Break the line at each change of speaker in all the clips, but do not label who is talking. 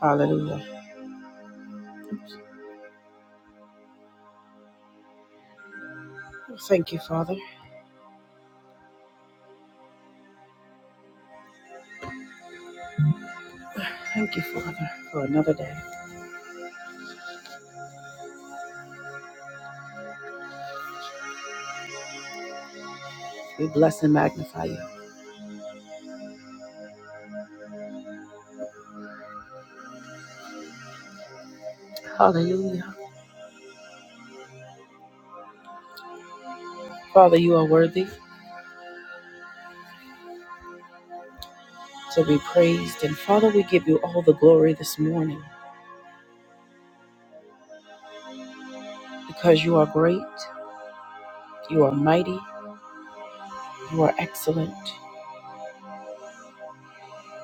Hallelujah. Thank you, Father. Thank you, Father, for another day. We bless and magnify you. Hallelujah. Father, you are worthy to be praised. And Father, we give you all the glory this morning because you are great, you are mighty, you are excellent.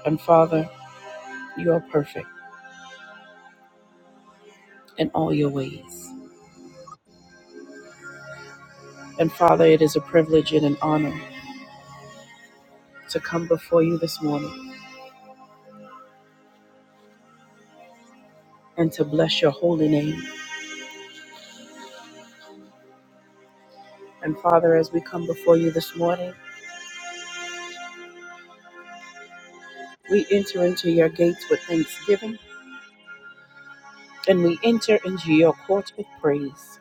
And Father, you are perfect in all your ways. And Father, it is a privilege and an honor to come before you this morning and to bless your holy name. And Father, as we come before you this morning, we enter into your gates with thanksgiving and we enter into your courts with praise.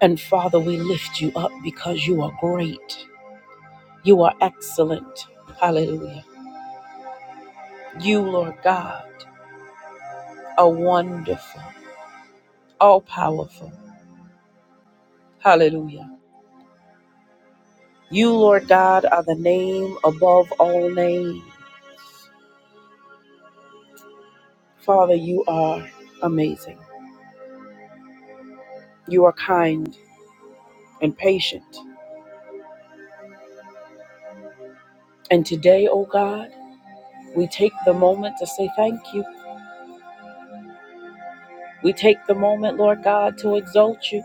And Father, we lift you up because you are great. You are excellent. Hallelujah. You, Lord God, are wonderful, all powerful. Hallelujah. You, Lord God, are the name above all names. Father, you are amazing. You are kind and patient. And today, oh God, we take the moment to say thank you. We take the moment, Lord God, to exalt you.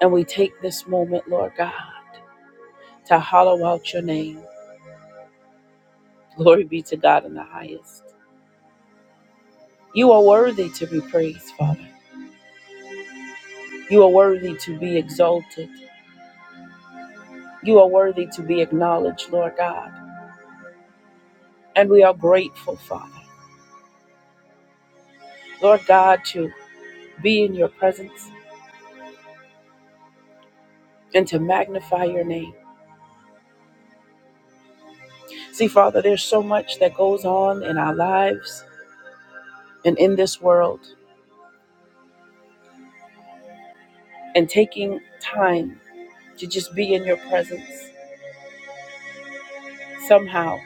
And we take this moment, Lord God, to hollow out your name. Glory be to God in the highest. You are worthy to be praised, Father. You are worthy to be exalted. You are worthy to be acknowledged, Lord God. And we are grateful, Father, Lord God, to be in your presence and to magnify your name. See, Father, there's so much that goes on in our lives and in this world, and taking time to just be in your presence somehow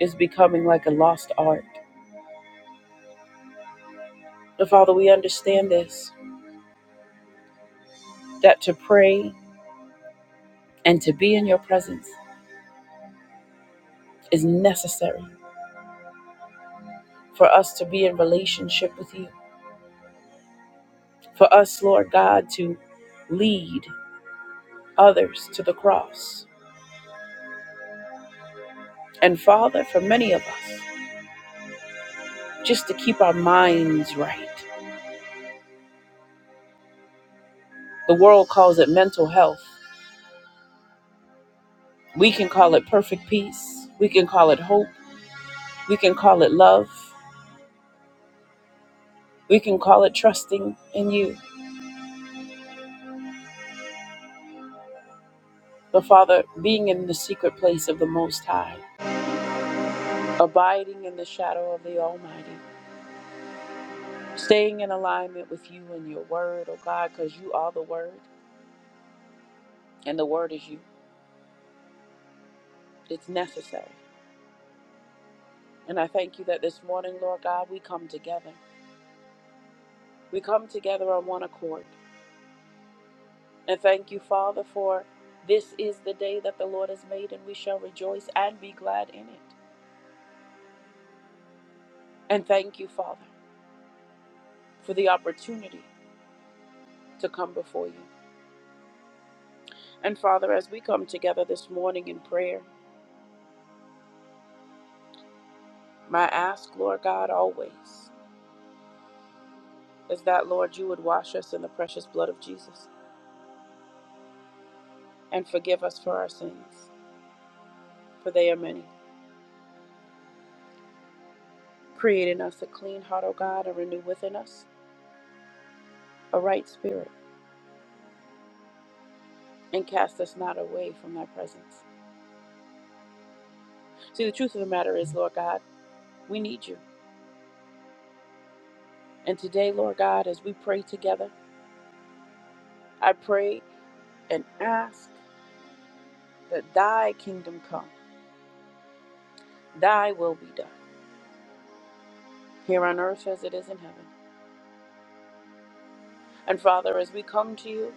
is becoming like a lost art. But Father, we understand this that to pray and to be in your presence is necessary for us to be in relationship with you, for us, Lord God, to lead others to the cross. And Father, for many of us, just to keep our minds right. The world calls it mental health. We can call it perfect peace. We can call it hope. We can call it love. We can call it trusting in you. But Father, being in the secret place of the Most High, abiding in the shadow of the Almighty, staying in alignment with you and your word, oh God, because you are the word and the word is you. It's necessary. And I thank you that this morning, Lord God, we come together. We come together on one accord. And thank you, Father, for this is the day that the Lord has made, and we shall rejoice and be glad in it. And thank you, Father, for the opportunity to come before you. And Father, as we come together this morning in prayer, my ask, Lord God, always is that, Lord, you would wash us in the precious blood of Jesus and forgive us for our sins, for they are many. Create in us a clean heart, O God, and renew within us a right spirit, and cast us not away from thy presence. See, the truth of the matter is, Lord God, we need you. And today, Lord God, as we pray together, I pray and ask that thy kingdom come, thy will be done, here on earth as it is in heaven. And Father, as we come to you,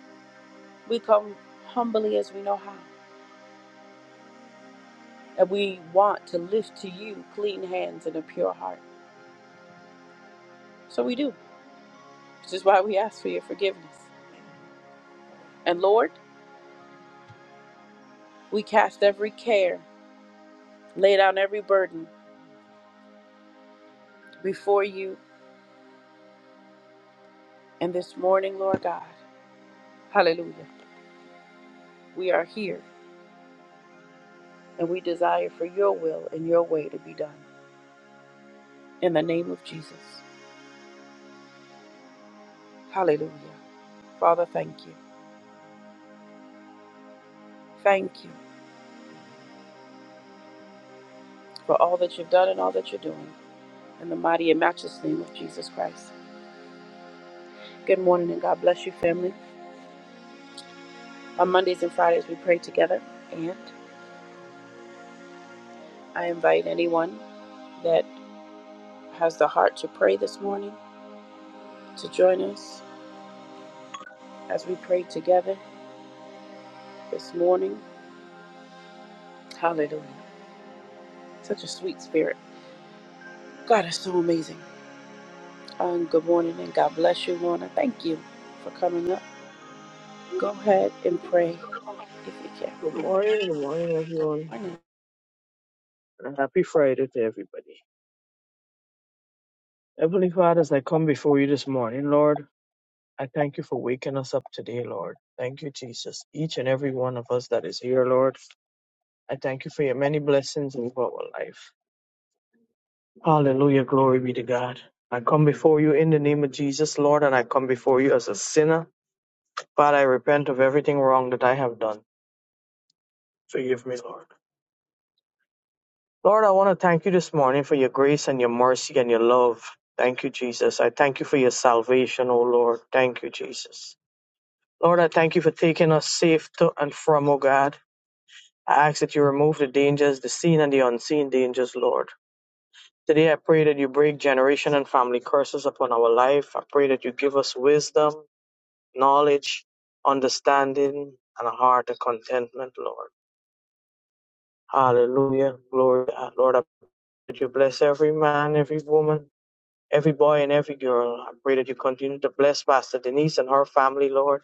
we come humbly as we know how. And we want to lift to you clean hands and a pure heart. So we do, which is why we ask for your forgiveness. And Lord, we cast every care, lay down every burden before you. And this morning, Lord God, hallelujah, we are here and we desire for your will and your way to be done. In the name of Jesus, hallelujah. Father, thank you. Thank you for all that you've done and all that you're doing. in the mighty and matchless name of Jesus Christ. Good morning and God bless you, family. On Mondays and Fridays, we pray together, and I invite anyone that has the heart to pray this morning to join us as we pray together this morning. Hallelujah. Such a sweet spirit. God is so amazing. Um, good morning and God bless you, Lorna. Thank you for coming up. Go ahead and pray if you can.
Good morning, good morning,
Good
everyone,
morning.
and a happy Friday to everybody. Heavenly Father, as I come before you this morning, Lord, I thank you for waking us up today, Lord. Thank you, Jesus. Each and every one of us that is here, Lord, I thank you for your many blessings over our life. Hallelujah, glory be to God. I come before you in the name of Jesus, Lord, and I come before you as a sinner. Father, I repent of everything wrong that I have done. Forgive me, Lord. Lord, I want to thank you this morning for your grace and your mercy and your love. Thank you, Jesus. I thank you for your salvation, O Lord. Thank you, Jesus. Lord, I thank you for taking us safe to and from, O God. I ask that you remove the dangers, the seen and the unseen dangers, Lord. Today I pray that you break generation and family curses upon our life. I pray that you give us wisdom, knowledge, understanding, and a heart of contentment, Lord. Hallelujah. Glory. to God. Lord, I pray that you bless every man, every woman every boy and every girl. I pray that you continue to bless Pastor Denise and her family, Lord.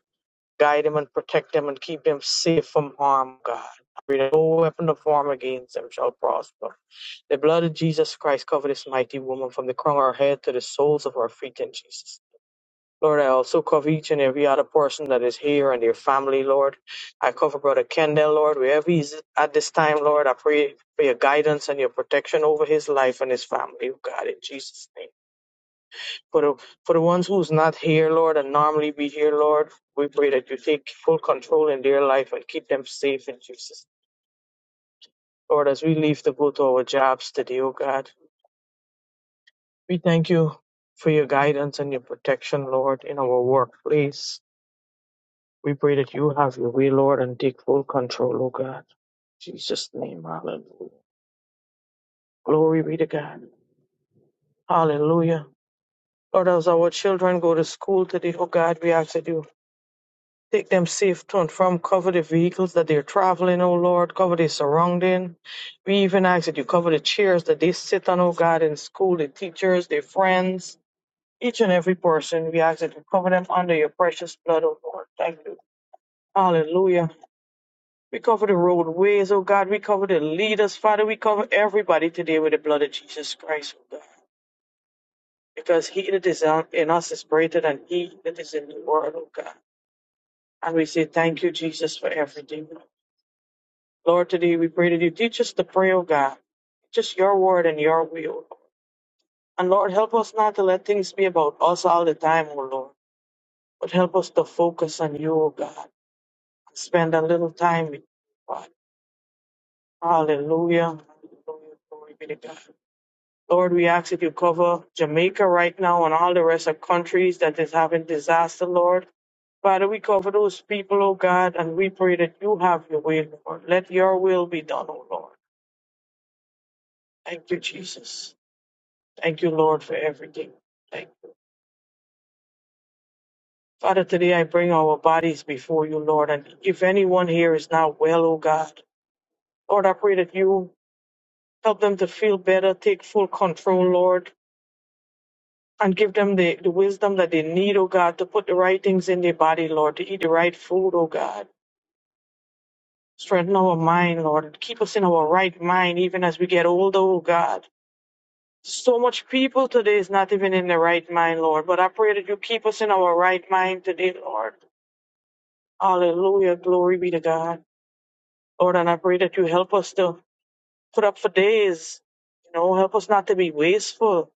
Guide them and protect them and keep them safe from harm, God. I pray that no weapon of harm against them shall prosper. The blood of Jesus Christ cover this mighty woman from the crown of her head to the soles of her feet in Jesus. Lord, I also cover each and every other person that is here and their family, Lord. I cover Brother Kendall, Lord, wherever he is at this time, Lord. I pray for your guidance and your protection over his life and his family, oh God, in Jesus' name. For the, for the ones who's not here, Lord, and normally be here, Lord, we pray that you take full control in their life and keep them safe in Jesus. Lord, as we leave to go to our jobs today, oh God, we thank you for your guidance and your protection, Lord, in our workplace. We pray that you have your way, Lord, and take full control, oh God. In Jesus' name, hallelujah. Glory be to God. Hallelujah. Lord, as our children go to school today, oh God, we ask that you Take them safe to and from. Cover the vehicles that they're traveling, oh Lord. Cover their surrounding. We even ask that you cover the chairs that they sit on, oh God, in school, the teachers, their friends, each and every person. We ask that you cover them under your precious blood, oh Lord. Thank you. Hallelujah. We cover the roadways, oh God. We cover the leaders, Father. We cover everybody today with the blood of Jesus Christ, oh God. Because he that is in us is greater than he that is in the world, oh God. And we say thank you, Jesus, for everything. Lord, today we pray that you teach us to pray, O God. Teach us your word and your will. And Lord, help us not to let things be about us all the time, O Lord, but help us to focus on you, O God. and Spend a little time with you, God. Hallelujah. Hallelujah. Glory be to God. Lord, we ask that you cover Jamaica right now and all the rest of countries that is having disaster, Lord. Father, we cover those people, O God, and we pray that you have your way, Lord. Let your will be done, O Lord. Thank you, Jesus. Thank you, Lord, for everything. Thank you. Father, today I bring our bodies before you, Lord. And if anyone here is not well, oh God, Lord, I pray that you help them to feel better, take full control, Lord, and give them the, the wisdom that they need, oh God, to put the right things in their body, Lord, to eat the right food, oh God. Strengthen our mind, Lord, and keep us in our right mind even as we get older, oh God. So much people today is not even in the right mind, Lord, but I pray that you keep us in our right mind today, Lord Hallelujah. Glory be to God. Lord, and I pray that you help us to put up for days. You know, help us not to be wasteful.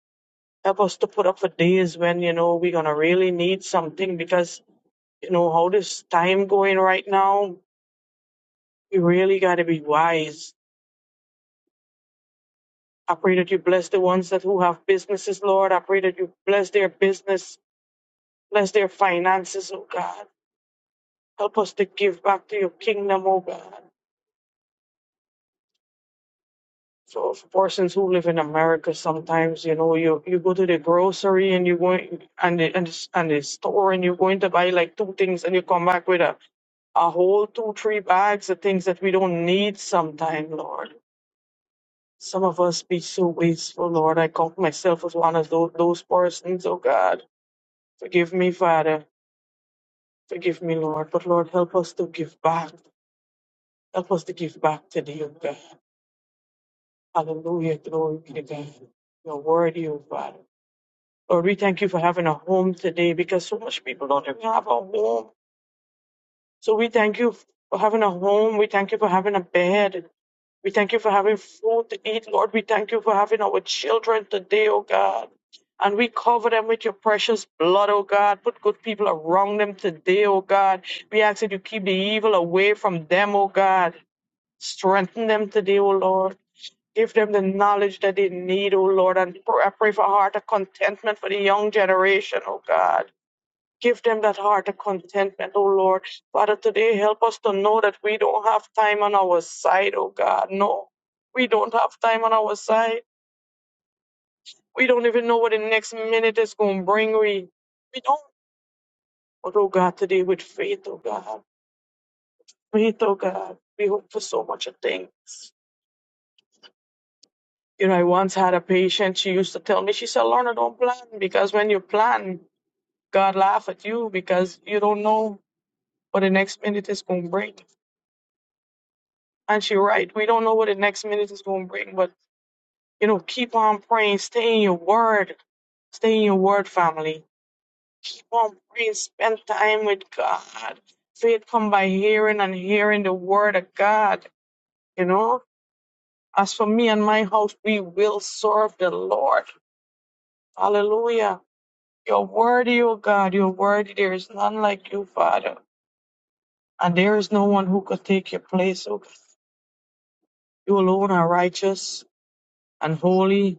Help us to put up for days when, you know, we're going to really need something because, you know, how this time going right now, we really got to be wise. I pray that you bless the ones that who have businesses, Lord. I pray that you bless their business, bless their finances, oh God. Help us to give back to your kingdom, oh God. So for persons who live in America, sometimes you know you you go to the grocery and you go in- and the and the, s- and the store and you're going to buy like two things and you come back with a a whole two three bags of things that we don't need. Sometime, Lord, some of us be so wasteful, Lord. I count myself as one of those those persons. Oh God, forgive me, Father. Forgive me, Lord. But Lord, help us to give back. Help us to give back to thee, oh God. Hallelujah. Glory be to God. You're worthy, O Father. Lord, we thank you for having a home today because so much people don't even have a home. So we thank you for having a home. We thank you for having a bed. We thank you for having food to eat, Lord. We thank you for having our children today, oh God. And we cover them with your precious blood, oh God. Put good people around them today, oh God. We ask that you keep the evil away from them, oh God. Strengthen them today, oh Lord. Give them the knowledge that they need, oh Lord. And pr- I pray for a heart of contentment for the young generation, oh God. Give them that heart of contentment, oh Lord. Father, today help us to know that we don't have time on our side, oh God. No, we don't have time on our side. We don't even know what the next minute is going to bring. We, we don't. But, oh God, today with faith, oh God, faith, oh God, we hope for so much of things. You know, I once had a patient, she used to tell me, she said, Lorna, don't plan because when you plan, God laugh at you because you don't know what the next minute is going to bring. Aren't you right? We don't know what the next minute is going to bring, but you know, keep on praying. Stay in your word. Stay in your word, family. Keep on praying. Spend time with God. Faith come by hearing and hearing the word of God. You know, as for me and my house, we will serve the Lord. Hallelujah. You're worthy, O God. You're worthy. There is none like you, Father. And there is no one who could take your place, O God. You alone are righteous and holy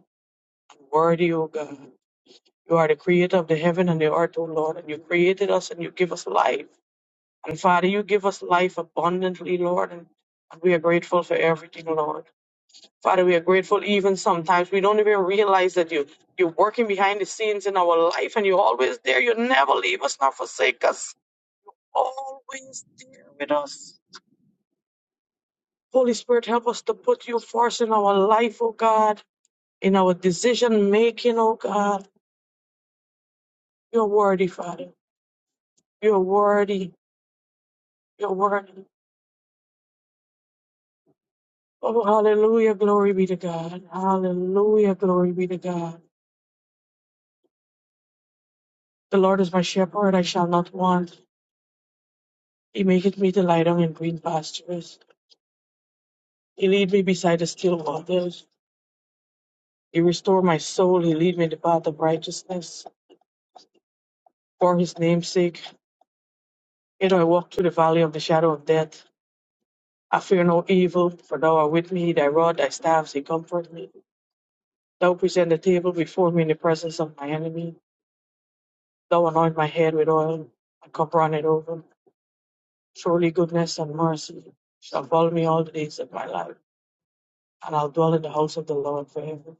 and worthy, O God. You are the creator of the heaven and the earth, O Lord, and you created us and you give us life. And Father, you give us life abundantly, Lord, and, and we are grateful for everything, Lord. Father, we are grateful even sometimes. We don't even realize that you, you're working behind the scenes in our life and you're always there. You never leave us nor forsake us. Always there with us. Holy Spirit, help us to put you first in our life, O God, in our decision making, O God. You're worthy, Father. You're worthy. You're worthy. Oh, hallelujah. Glory be to God. Hallelujah. Glory be to God. The Lord is my shepherd. I shall not want. He maketh me to lie down in green pastures. He lead me beside the still waters. He restore my soul. He lead me in the path of righteousness. For his name's sake, yet I walk through the valley of the shadow of death. I fear no evil, for thou art with me. Thy rod, thy staff, they comfort me. Thou present the table before me in the presence of my enemy. Thou anoint my head with oil. My cup runneth over. Surely goodness and mercy shall follow me all the days of my life, and I'll dwell in the house of the Lord forever.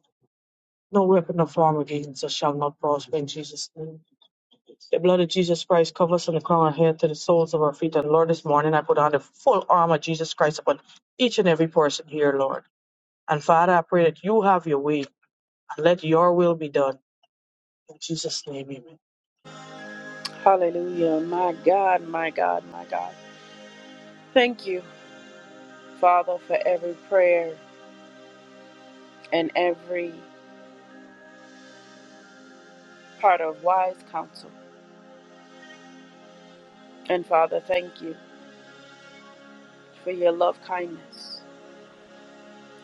No weapon of form against us shall not prosper in Jesus' name. The blood of Jesus Christ covers from the crown of our head to the soles of our feet. And Lord, this morning I put on the full armor of Jesus Christ upon each and every person here, Lord. And Father, I pray that you have your way and let your will be done. In Jesus' name, amen.
Hallelujah. My God, my God, my God. Thank you. Father, for every prayer and every part of wise counsel. And Father, thank you for your love kindness.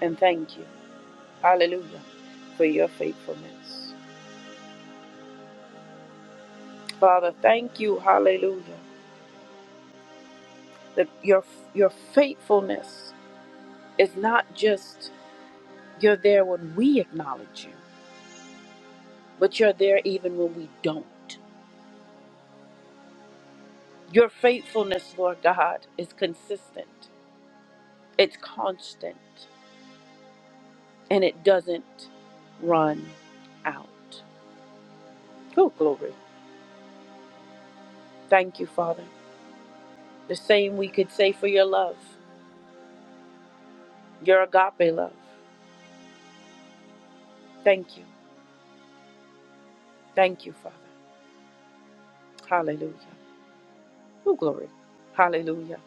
And thank you, hallelujah, for your faithfulness. Father, thank you, hallelujah, that your, your faithfulness is not just you're there when we acknowledge you, but you're there even when we don't. Your faithfulness, Lord God, is consistent, it's constant. and it doesn't run out. Oh, glory. Thank you, Father. The same we could say for your love, your agape love. Thank you. Thank you, Father. Hallelujah. Oh, glory. Hallelujah.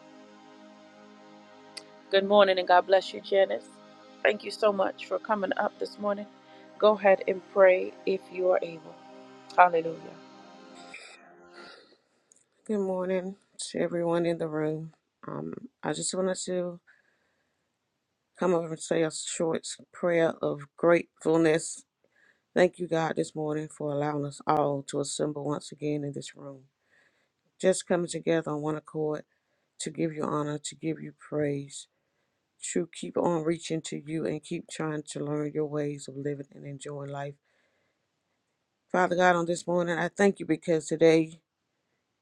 Good morning and God bless you, Janice. Thank you so much for coming up this morning. Go ahead and pray if you are able. Hallelujah.
Good morning to everyone in the room. Um, I just wanted to come over and say a short prayer of gratefulness. Thank you, God, this morning for allowing us all to assemble once again in this room. Just coming together on one accord to give you honor, to give you praise, to keep on reaching to you and keep trying to learn your ways of living and enjoying life. Father God, on this morning, I thank you because today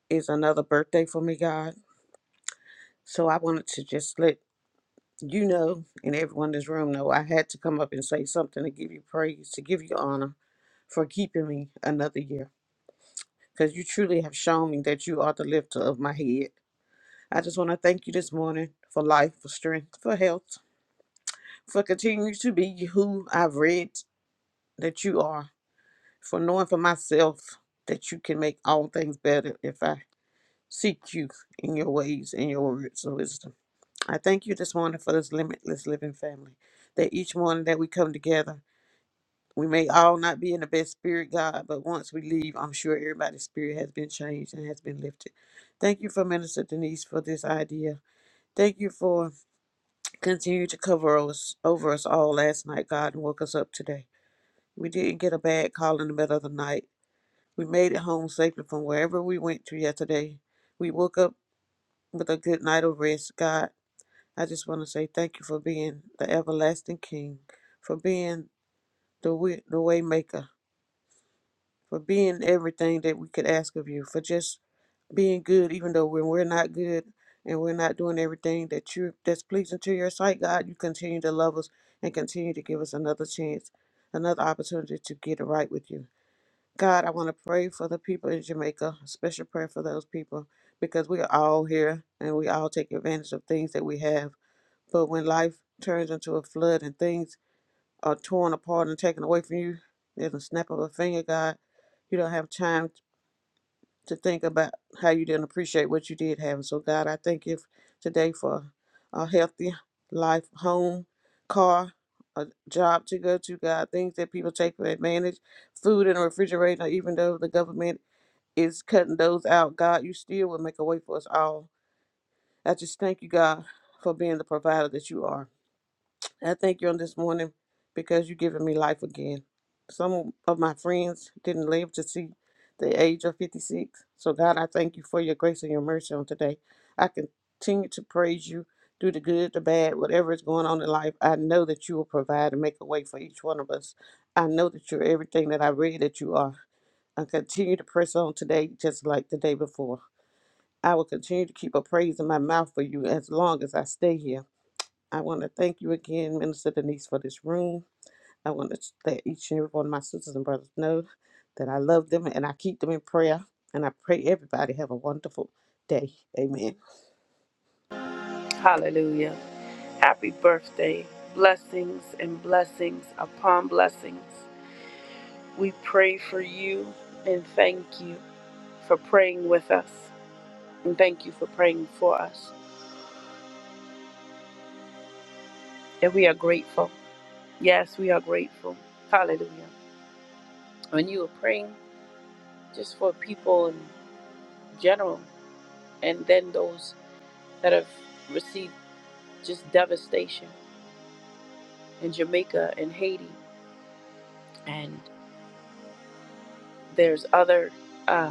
is another birthday for me, God. So I wanted to just let you know, and everyone in this room know, I had to come up and say something to give you praise, to give you honor for keeping me another year. Because you truly have shown me that you are the lifter of my head. I just want to thank you this morning for life, for strength, for health, for continuing to be who I've read that you are, for knowing for myself that you can make all things better if I seek you in your ways and your words of wisdom. I thank you this morning for this limitless living family that each morning that we come together We may all not be in the best spirit, God, but once we leave, I'm sure everybody's spirit has been changed and has been lifted. Thank you for Minister Denise for this idea. Thank you for continuing to cover us over us all last night, God, and woke us up today. We didn't get a bad call in the middle of the night. We made it home safely from wherever we went to yesterday. We woke up with a good night of rest, God. I just want to say thank you for being the everlasting King, for being the way, the way maker for being everything that we could ask of you, for just being good, even though when we're not good and we're not doing everything that you that's pleasing to your sight, God, you continue to love us and continue to give us another chance, another opportunity to get it right with you. God, I want to pray for the people in Jamaica, a special prayer for those people, because we are all here and we all take advantage of things that we have. But when life turns into a flood and things are torn apart and taken away from you, there's a snap of a finger, God. You don't have time to think about how you didn't appreciate what you did have. And so, God, I thank you today for a healthy life, home, car, a job to go to, God, things that people take for advantage, food in a refrigerator, even though the government is cutting those out, God, you still will make a way for us all. I just thank you, God, for being the provider that you are. I thank you on this morning because you've given me life again. Some of my friends didn't live to see the age of 56. So, God, I thank you for your grace and your mercy on today. I continue to praise you through the good, the bad, whatever is going on in life. I know that you will provide and make a way for each one of us. I know that you're everything that I read that you are. I continue to press on today just like the day before. I will continue to keep a praise in my mouth for you as long as I stay here. I want to thank you again, Minister Denise, for this room. I want to let each and every one of my sisters and brothers know that I love them and I keep them in prayer. And I pray everybody have a wonderful day. Amen.
Hallelujah. Happy birthday. Blessings and blessings upon blessings. We pray for you and thank you for praying with us. And thank you for praying for us. And we are grateful. Yes, we are grateful. Hallelujah. When you were praying just for people in general, and then those that have received just devastation in Jamaica and Haiti, and there's other uh,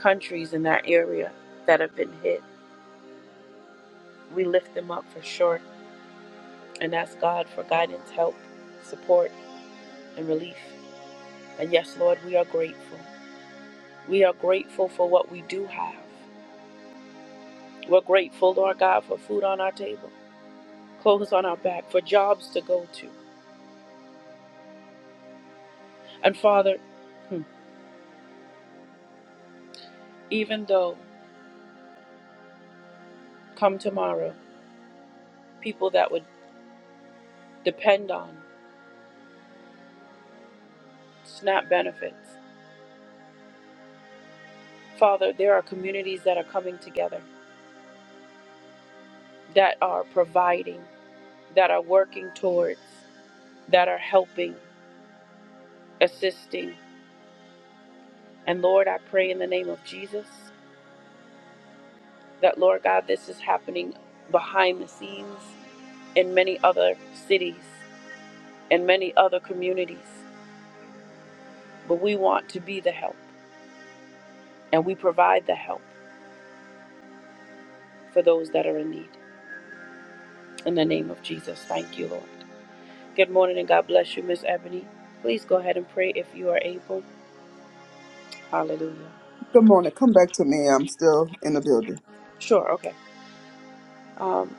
countries in that area that have been hit, we lift them up for sure and ask God for guidance, help, support and relief. And yes, Lord, we are grateful. We are grateful for what we do have. We're grateful, Lord God, for food on our table, clothes on our back, for jobs to go to. And Father, hmm, even though come tomorrow, people that would depend on SNAP benefits, Father, there are communities that are coming together, that are providing, that are working towards, that are helping, assisting. And Lord, I pray in the name of Jesus that, Lord God, this is happening behind the scenes in many other cities and many other communities. But we want to be the help and we provide the help for those that are in need. In the name of Jesus, thank you, Lord. Good morning and God bless you, Miss Ebony. Please go ahead and pray if you are able. Hallelujah.
Good morning. Come back to me. I'm still in the building.
Sure, okay. Um,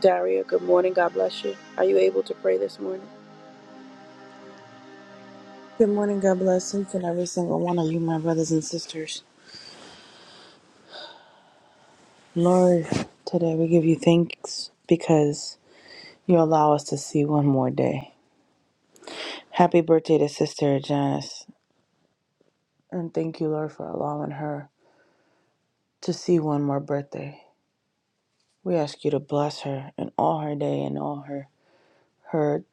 Daria, good morning. God bless you. Are you able to pray this morning?
Good morning. God bless each and every single one of you, my brothers and sisters. Lord, today we give you thanks because you allow us to see one more day. Happy birthday to Sister Janice, and thank you, Lord, for allowing her to see one more birthday. We ask you to bless her in all her day and all her her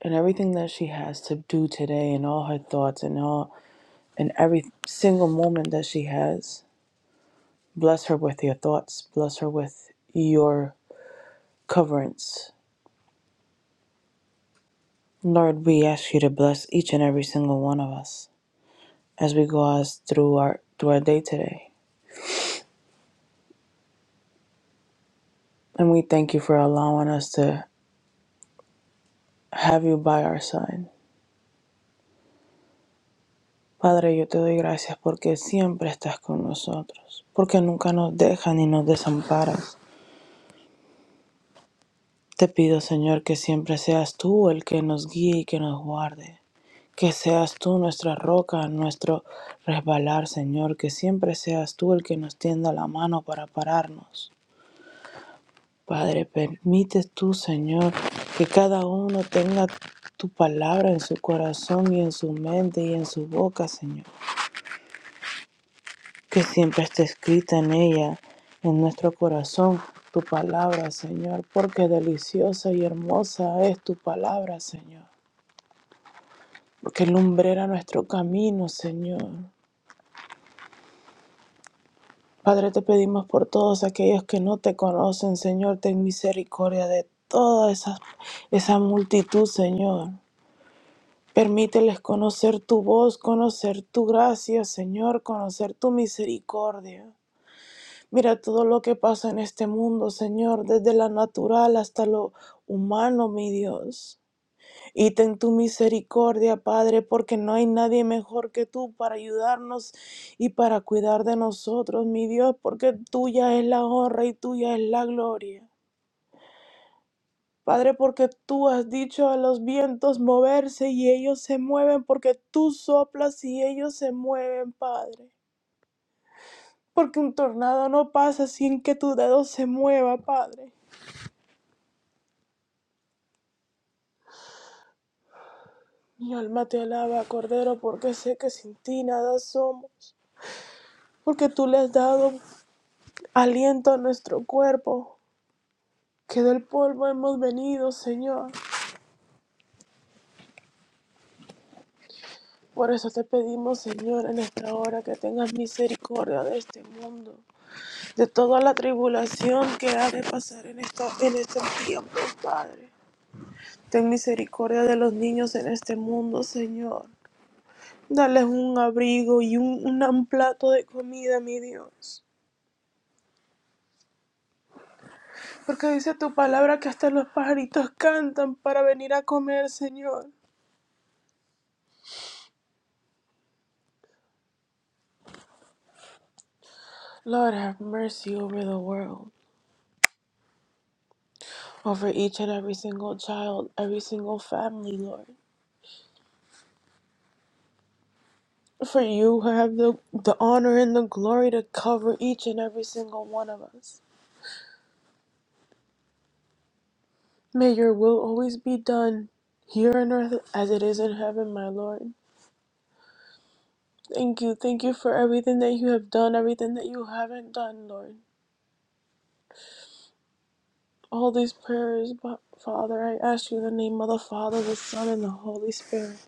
and everything that she has to do today and all her thoughts and all and every single moment that she has. Bless her with your thoughts. Bless her with your coverance Lord, we ask you to bless each and every single one of us as we go us through our through our day today. And we thank you for allowing us to have you by our side. Padre, yo te doy gracias porque siempre estás con nosotros, porque nunca nos dejas ni nos desamparas. Te pido, Señor, que siempre seas tú el que nos guíe y que nos guarde. Que seas tú nuestra roca, nuestro resbalar, Señor. Que siempre seas tú el que nos tienda la mano para pararnos. Padre, permite tú, Señor, que cada uno tenga tu palabra en su corazón y en su mente y en su boca, Señor. Que siempre esté escrita en ella, en nuestro corazón, tu palabra, Señor, porque deliciosa y hermosa es tu palabra, Señor. Porque lumbrera nuestro camino, Señor. Padre, te pedimos por todos aquellos que no te conocen, Señor, ten misericordia de toda esa, esa multitud, Señor. Permíteles conocer tu voz, conocer tu gracia, Señor, conocer tu misericordia. Mira todo lo que pasa en este mundo, Señor, desde lo natural hasta lo humano, mi Dios. Y ten tu misericordia, Padre, porque no hay nadie mejor que tú para ayudarnos y para cuidar de nosotros, mi Dios, porque tuya es la honra y tuya es la gloria. Padre, porque tú has dicho a los vientos moverse y ellos se mueven, porque tú soplas y ellos se mueven, Padre. Porque un tornado no pasa sin que tu dedo se mueva, Padre. Mi alma te alaba, Cordero, porque sé que sin ti nada somos, porque tú le has dado aliento a nuestro cuerpo, que del polvo hemos venido, Señor. Por eso te pedimos, Señor, en esta hora que tengas misericordia de este mundo de toda la tribulación que ha de pasar en, esta, en estos tiempos, Padre. Ten misericordia de los niños en este mundo, Señor. Dales un abrigo y un, un plato de comida, mi Dios. Porque dice tu palabra que hasta los pajaritos cantan para venir a comer, Señor. Lord, have mercy over the world, over each and every single child, every single family, Lord. For you have the, the honor and the glory to cover each and every single one of us. May your will always be done here on earth as it is in heaven, my Lord. Thank you. Thank you for everything that you have done, everything that you haven't done, Lord. All these prayers, but Father, I ask you in the name of the Father, the Son, and the Holy Spirit.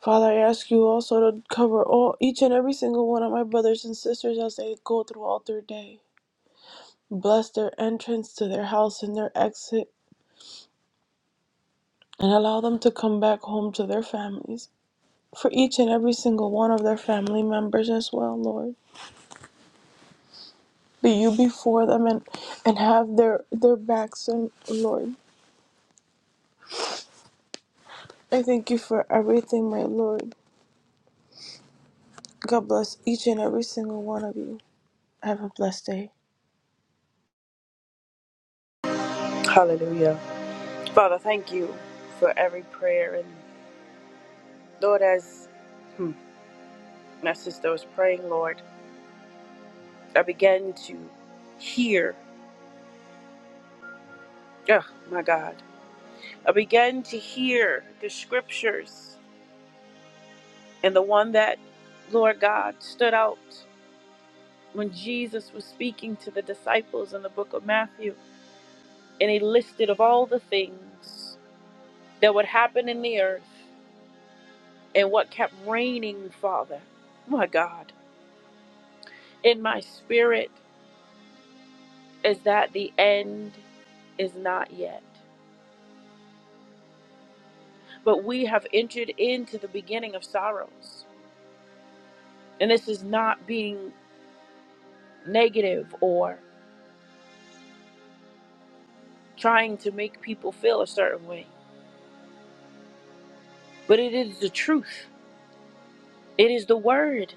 Father, I ask you also to cover all each and every single one of my brothers and sisters as they go throughout their day. Bless their entrance to their house and their exit, and allow them to come back home to their families. for each and every single one of their family members as well, Lord. Be you before them and, and have their, their backs, and Lord. I thank you for everything, my Lord. God bless each and every single one of you. Have a blessed day.
Hallelujah. Father, thank you for every prayer. And Lord, as hmm, my sister was praying, Lord, I began to hear, oh my God, I began to hear the scriptures And the one that, Lord God, stood out when Jesus was speaking to the disciples in the book of Matthew, and he listed of all the things that would happen in the earth and what kept raining, Father. My God, in my spirit is that the end is not yet. But we have entered into the beginning of sorrows. And this is not being negative or trying to make people feel a certain way, but it is the truth It is the word.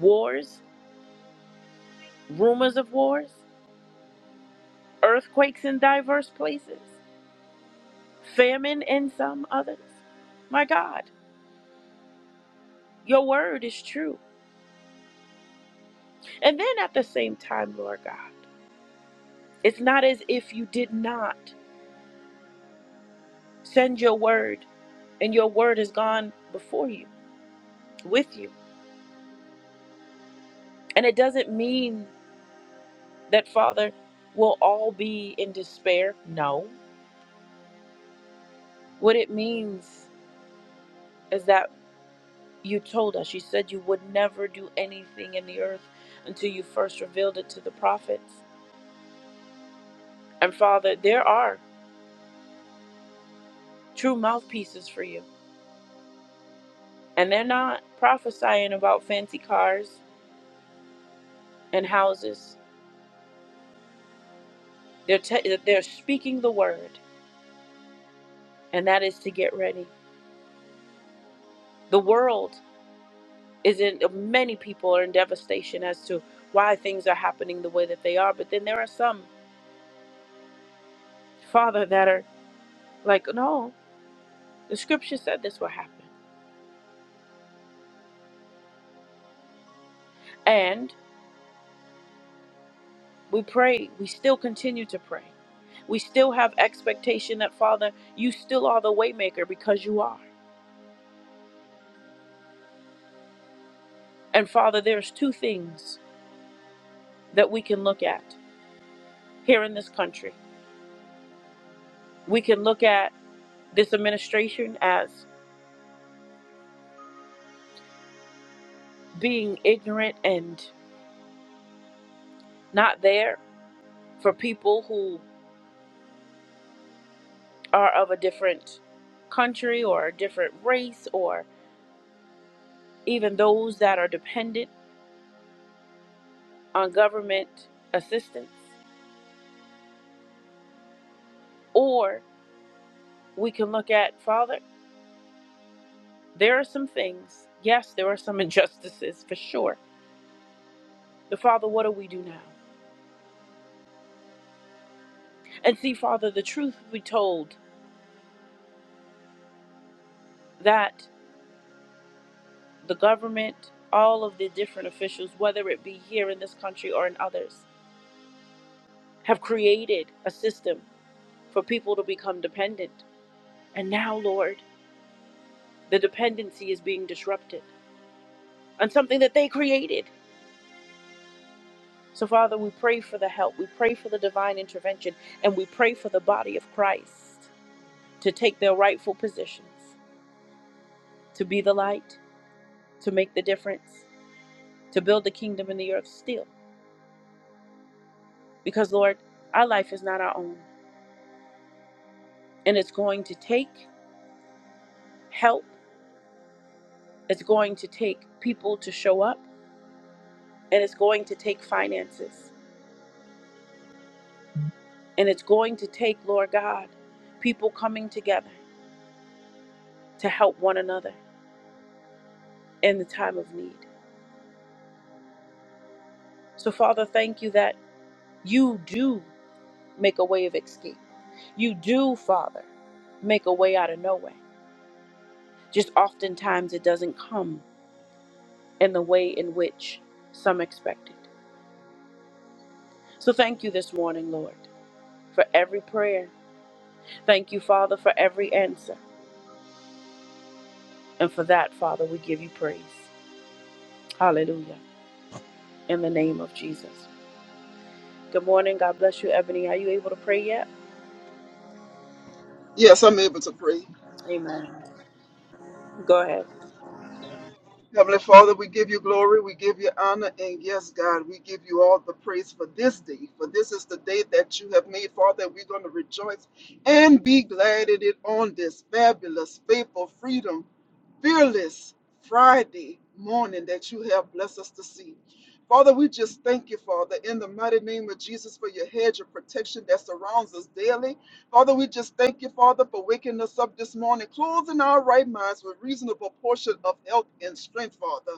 Wars, rumors of wars, earthquakes in diverse places, famine in some others. My God, your word is true. And then at the same time, Lord God, it's not as if you did not send your word and your word has gone before you, with you. And it doesn't mean that, Father, we'll all be in despair. No. What it means is that. You told us, you said you would never do anything in the earth until you first revealed it to the prophets. And Father, there are true mouthpieces for you. And they're not prophesying about fancy cars and houses. They're, te- they're speaking the word, and that is to get ready. The world is in, many people are in devastation as to why things are happening the way that they are. But then there are some, Father, that are like, no, the scripture said this will happen. We pray. We still continue to pray. We still have expectation that, Father, you still are the waymaker because you are. And Father, there's two things that we can look at here in this country. We can look at this administration as being ignorant and not there for people who are of a different country or a different race or even those that are dependent on government assistance. Or we can look at, Father, There are some things. Yes, there are some injustices for sure. But Father, what do we do now? And see, Father, the truth we told that the government, all of the different officials, whether it be here in this country or in others, have created a system for people to become dependent. And now, Lord, the dependency is being disrupted on something that they created. So, Father, we pray for the help. We pray for the divine intervention. And we pray for the body of Christ to take their rightful positions to be the light, to make the difference, to build the kingdom in the earth still. Because, Lord, our life is not our own. And it's going to take help, it's going to take people to show up, and it's going to take finances. And it's going to take, Lord God, people coming together to help one another in the time of need. So, Father, thank you that you do make a way of escape. You do, Father, make a way out of no way. Just oftentimes it doesn't come in the way in which some expected. So thank you this morning, Lord, for every prayer. Thank you, Father, for every answer. And for that, Father, we give you praise. Hallelujah. In the name of Jesus. Good morning. God bless you, Ebony. Are you able to pray yet?
Yes, I'm able to pray.
Amen. Go ahead.
Heavenly Father, we give you glory, we give you honor, and yes, God, we give you all the praise for this day. For this is the day that you have made, Father, and we're going to rejoice and be glad in it on this fabulous, faithful freedom fearless Friday morning that you have blessed us to see. Father, we just thank you, Father, in the mighty name of Jesus for your hedge of protection that surrounds us daily. Father, we just thank you, Father, for waking us up this morning, closing our right minds with reasonable portion of health and strength, Father.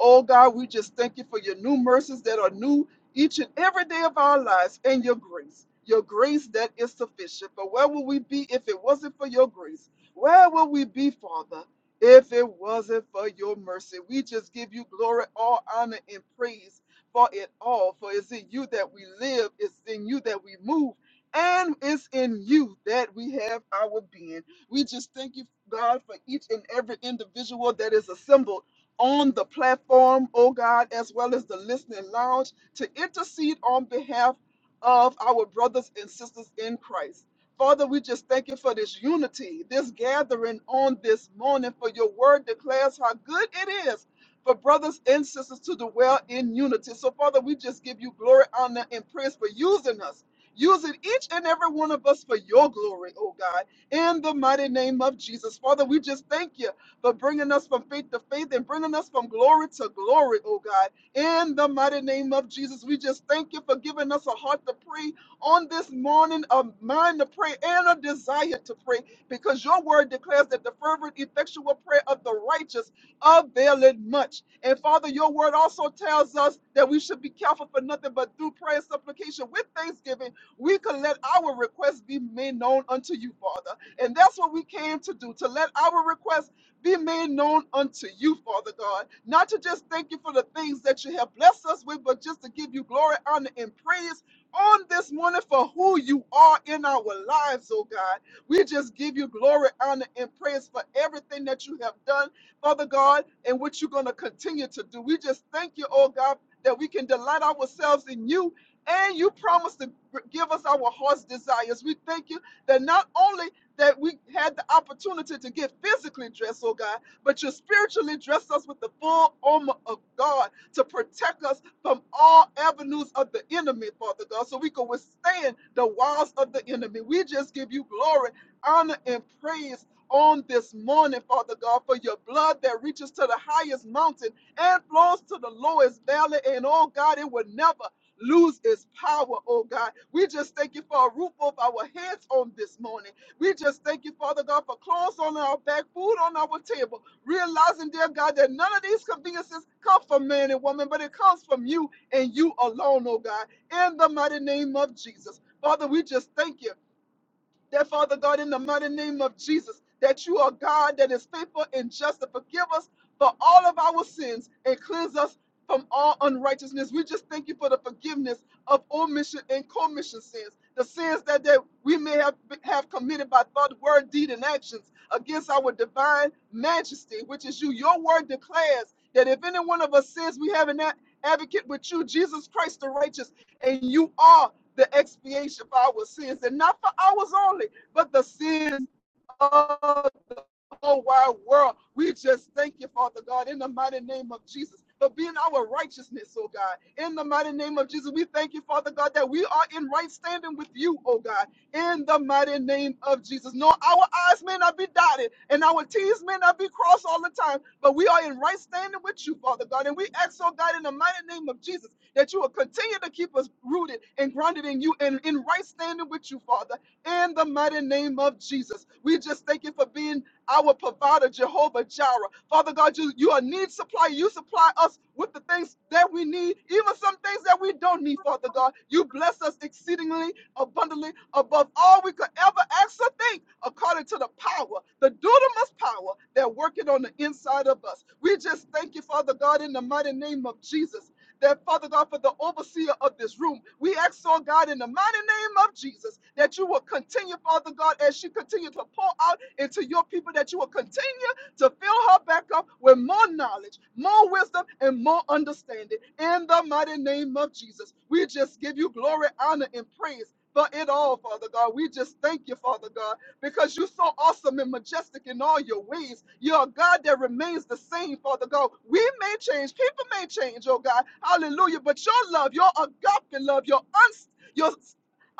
Oh God, we just thank you for your new mercies that are new each and every day of our lives and your grace. Your grace that is sufficient. But where would we be if it wasn't for your grace? Where would we be, Father, if it wasn't for your mercy? We just give you glory, all honor, and praise for it all. For it's in you that we live, it's in you that we move and it's in you that we have our being. We just thank you, God, for each and every individual that is assembled on the platform, oh God, as well as the listening lounge to intercede on behalf of our brothers and sisters in Christ. Father, we just thank you for this unity, this gathering on this morning, for your word declares how good it is for brothers and sisters to dwell in unity. So, Father, we just give you glory, honor, and praise for using us using each and every one of us for your glory, oh God, in the mighty name of Jesus. Father, we just thank you for bringing us from faith to faith and bringing us from glory to glory, oh God, in the mighty name of Jesus. We just thank you for giving us a heart to pray on this morning, a mind to pray, and a desire to pray, because your word declares that the fervent, effectual prayer of the righteous availeth much. And Father, your word also tells us that we should be careful for nothing but through prayer and supplication with thanksgiving we can let our requests be made known unto you, Father. And that's what we came to do, to let our requests be made known unto you, Father God. Not to just thank you for the things that you have blessed us with, but just to give you glory, honor, and praise on this morning for who you are in our lives, oh God. We just give you glory, honor, and praise for everything that you have done, Father God, and what you're going to continue to do. We just thank you, oh God, that we can delight ourselves in you and you promised to give us our heart's desires. We thank you that not only that we had the opportunity to get physically dressed, oh God, but you spiritually dressed us with the full armor of God to protect us from all avenues of the enemy, Father God, so we can withstand the wiles of the enemy. We just give you glory, honor, and praise on this morning, Father God, for your blood that reaches to the highest mountain and flows to the lowest valley. And oh God, it will never lose its power, oh God. We just thank you for a roof over our heads on this morning. We just thank you, Father God, for clothes on our back, food on our table, realizing, dear God, that none of these conveniences come from man and woman, but it comes from you and you alone, oh God, in the mighty name of Jesus. Father, we just thank you. That Father God, in the mighty name of Jesus, that you are God that is faithful and just to forgive us for all of our sins and cleanse us from all unrighteousness. We just thank you for the forgiveness of omission and commission sins, the sins that, that we may have, have committed by thought, word, deed, and actions against our divine majesty, which is you. Your word declares that if any one of us sins, we have an a- advocate with you, Jesus Christ the righteous, and you are the expiation for our sins, and not for ours only, but the sins of whole wide world. We just thank you, Father God, in the mighty name of Jesus, for being our righteousness, oh God. In the mighty name of Jesus, we thank you, Father God, that we are in right standing with you, oh God. In the mighty name of Jesus. No, our eyes may not be dotted and our T's may not be crossed all the time, but we are in right standing with you, Father God. And we ask, oh God, in the mighty name of Jesus, that you will continue to keep us rooted and grounded in you and in right standing with you, Father in the mighty name of Jesus. We just thank you for being our provider, Jehovah Jireh. Father God, you, you are need supply. You supply us with the things that we need, even some things that we don't need, Father God. You bless us exceedingly, abundantly, above all we could ever ask or think, according to the power, the dunamis power that working on the inside of us. We just thank you, Father God, in the mighty name of Jesus that Father God, for the overseer of this room, we ask, oh God, in the mighty name of Jesus, that you will continue, Father God, as she continues to pour out into your people, that you will continue to fill her back up with more knowledge, more wisdom, and more understanding. In the mighty name of Jesus, we just give you glory, honor, and praise. For it all, Father God. We just thank you, Father God because you're so awesome and majestic in all your ways. You're a God that remains the same, Father God. We may change, people may change, oh God. Hallelujah. But your love, your agape love, your uns your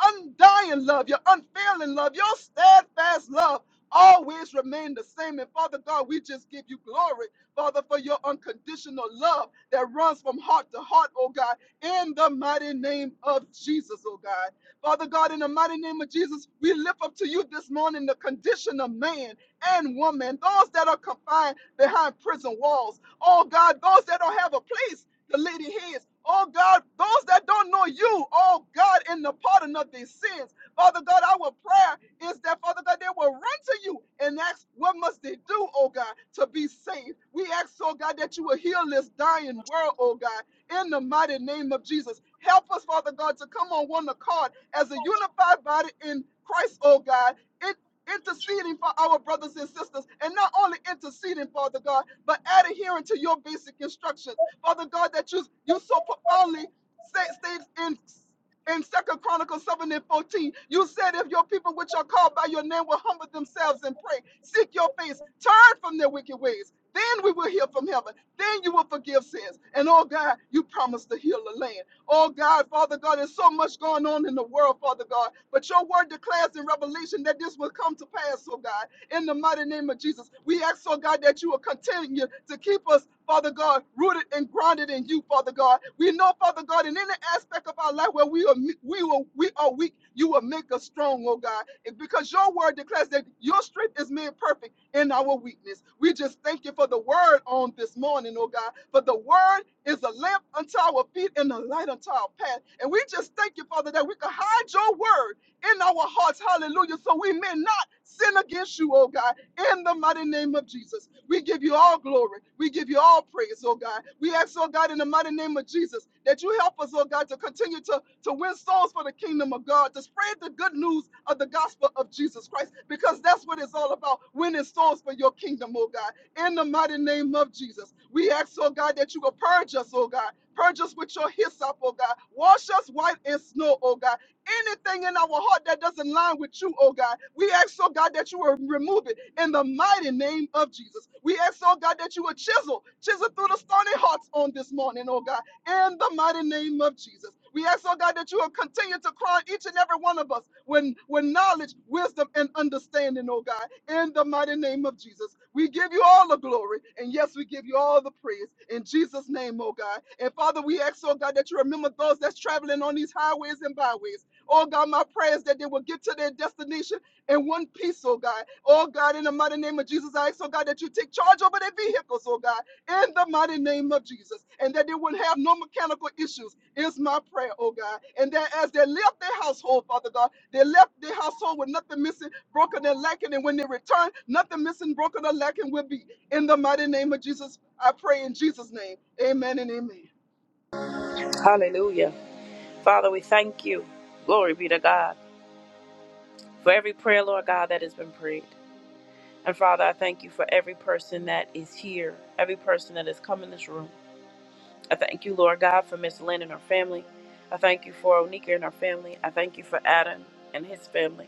undying love, your unfailing love, your steadfast love always remain the same. And Father God, we just give you glory, Father, for your unconditional love that runs from heart to heart, oh God, in the mighty name of Jesus, oh God. Father God, in the mighty name of Jesus, we lift up to you this morning the condition of man and woman, those that are confined behind prison walls. Oh God, those that don't have a place to lay their heads. Oh God, those that don't know you, oh God, in the pardon of their sins. Father God, our prayer is that, Father God, they will run to you and ask, what must they do, oh God, to be saved? We ask, oh God, that you will heal this dying world, oh God, in the mighty name of Jesus. Help us, Father God, to come on one accord as a unified body in Christ, oh God, in- interceding for our brothers and sisters, and not only interceding, Father God, but adhering to your basic instructions, Father God, that you you so profoundly say, states in in Second Chronicles 7 and 14, you said, If your people which are called by your name will humble themselves and pray, seek your face, turn from their wicked ways, then we will hear from heaven, then you will forgive sins. And oh God, you promised to heal the land. Oh God, Father God, there's so much going on in the world, Father God. But your word declares in Revelation that this will come to pass, oh God. In the mighty name of Jesus, we ask, oh God, that you will continue to keep us, Father God, rooted and grounded in you, Father God. We know, Father God, in any aspect of our life where we are we will we are weak, you will make us strong, oh God. And because your word declares that your strength is made perfect in our weakness. We just thank you for the word on this morning, oh God. For the word is a lamp unto our feet and a light unto our path. And we just thank you, Father, that we can hide your word in our hearts. Hallelujah. So we may not sin against you, oh God in the mighty name of Jesus. We give you all glory. We give you all praise, oh God. We ask, oh God, in the mighty name of Jesus, that you help us, oh God, to continue to, to win souls for the kingdom of God, to spread the good news of the gospel of Jesus Christ, because that's what it's all about, winning souls for your kingdom, oh God. In the mighty name of Jesus, we ask, oh God, that you will purge us, oh God. Purge us with your hyssop, oh God. Wash us white as snow, oh God anything in our heart that doesn't line with you, oh God. We ask, oh God, that you will remove it in the mighty name of Jesus. We ask, oh God, that you will chisel, chisel through the stony hearts on this morning, oh God, in the mighty name of Jesus. We ask, oh God, that you will continue to crown each and every one of us with, with knowledge, wisdom, and understanding, oh God, in the mighty name of Jesus. We give you all the glory, and yes, we give you all the praise in Jesus' name, oh God. And Father, we ask, oh God, that you remember those that's traveling on these highways and byways. Oh God, my prayer is that they will get to their destination in one piece, oh God. Oh God, in the mighty name of Jesus, I ask, oh God, that you take charge over their vehicles, oh God, in the mighty name of Jesus, and that they wouldn't have no mechanical issues, is my prayer, oh God. And that as they left their household, Father God, they left their household with nothing missing, broken, and lacking, and when they return, nothing missing, broken, or lacking will be. In the mighty name of Jesus, I pray in Jesus' name. Amen and amen.
Hallelujah. Father, we thank you. Glory be to God for every prayer, Lord God, that has been prayed. And Father, I thank you for every person that is here, every person that has come in this room. I thank you, Lord God, for Miss Lynn and her family. I thank you for Onika and her family. I thank you for Adam and his family.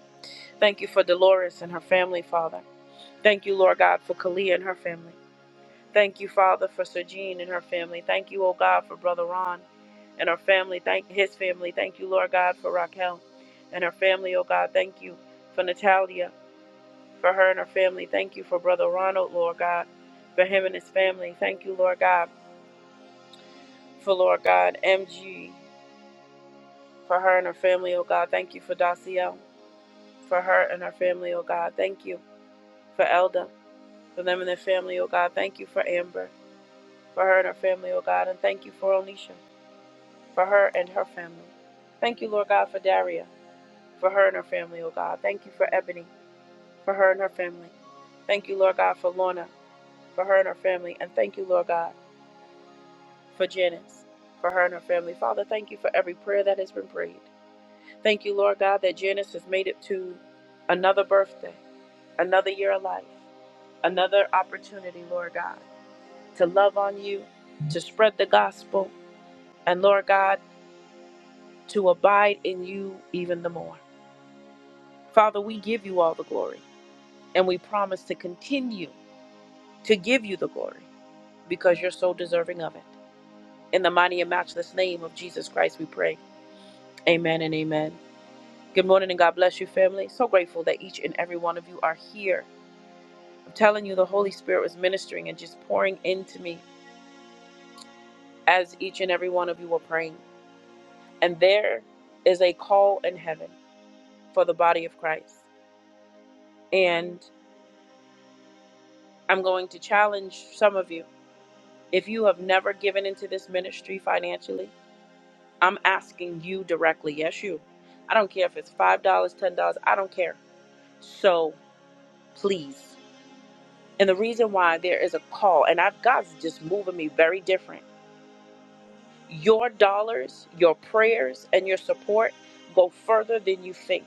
Thank you for Dolores and her family, Father. Thank you, Lord God, for Kalia and her family. Thank you, Father, for Sergine and her family. Thank you, O God, for Brother Ron and her family. Thank his family. Thank you, Lord God, for Raquel and her family, O God. Thank you for Natalia, for her and her family. Thank you for Brother Ronald, Lord God, for him and his family. Thank you, Lord God, for Lord God, MG. for her and her family, oh God. Thank you for Daciel, for her and her family, oh God. Thank you for Elda, for them and their family, oh God. Thank you for Amber, for her and her family, oh God. And thank you for Onisha, for her and her family. Thank you, Lord God, for Daria, for her and her family, oh God. Thank you for Ebony, for her and her family. Thank you, Lord God, for Lorna, for her and her family. And thank you, Lord God, for Janice, for her and her family. Father, thank you for every prayer that has been prayed. Thank you, Lord God, that Janice has made it to another birthday. another year of life, another opportunity, Lord God, to love on you, to spread the gospel, and Lord God, to abide in you even the more. Father, we give you all the glory, and we promise to continue to give you the glory because you're so deserving of it. In the mighty and matchless name of Jesus Christ, we pray. Amen and amen. Good morning and God bless you, family. So grateful that each and every one of you are here. I'm telling you, the Holy Spirit was ministering and just pouring into me as each and every one of you were praying. And there is a call in heaven for the body of Christ. And I'm going to challenge some of you. If you have never given into this ministry financially, I'm asking you directly. Yes, you. I don't care if it's $5, dollars, $10, I don't care. So please. And the reason why there is a call, and I've God's just moving me very different. Your dollars, your prayers, and your support go further than you think.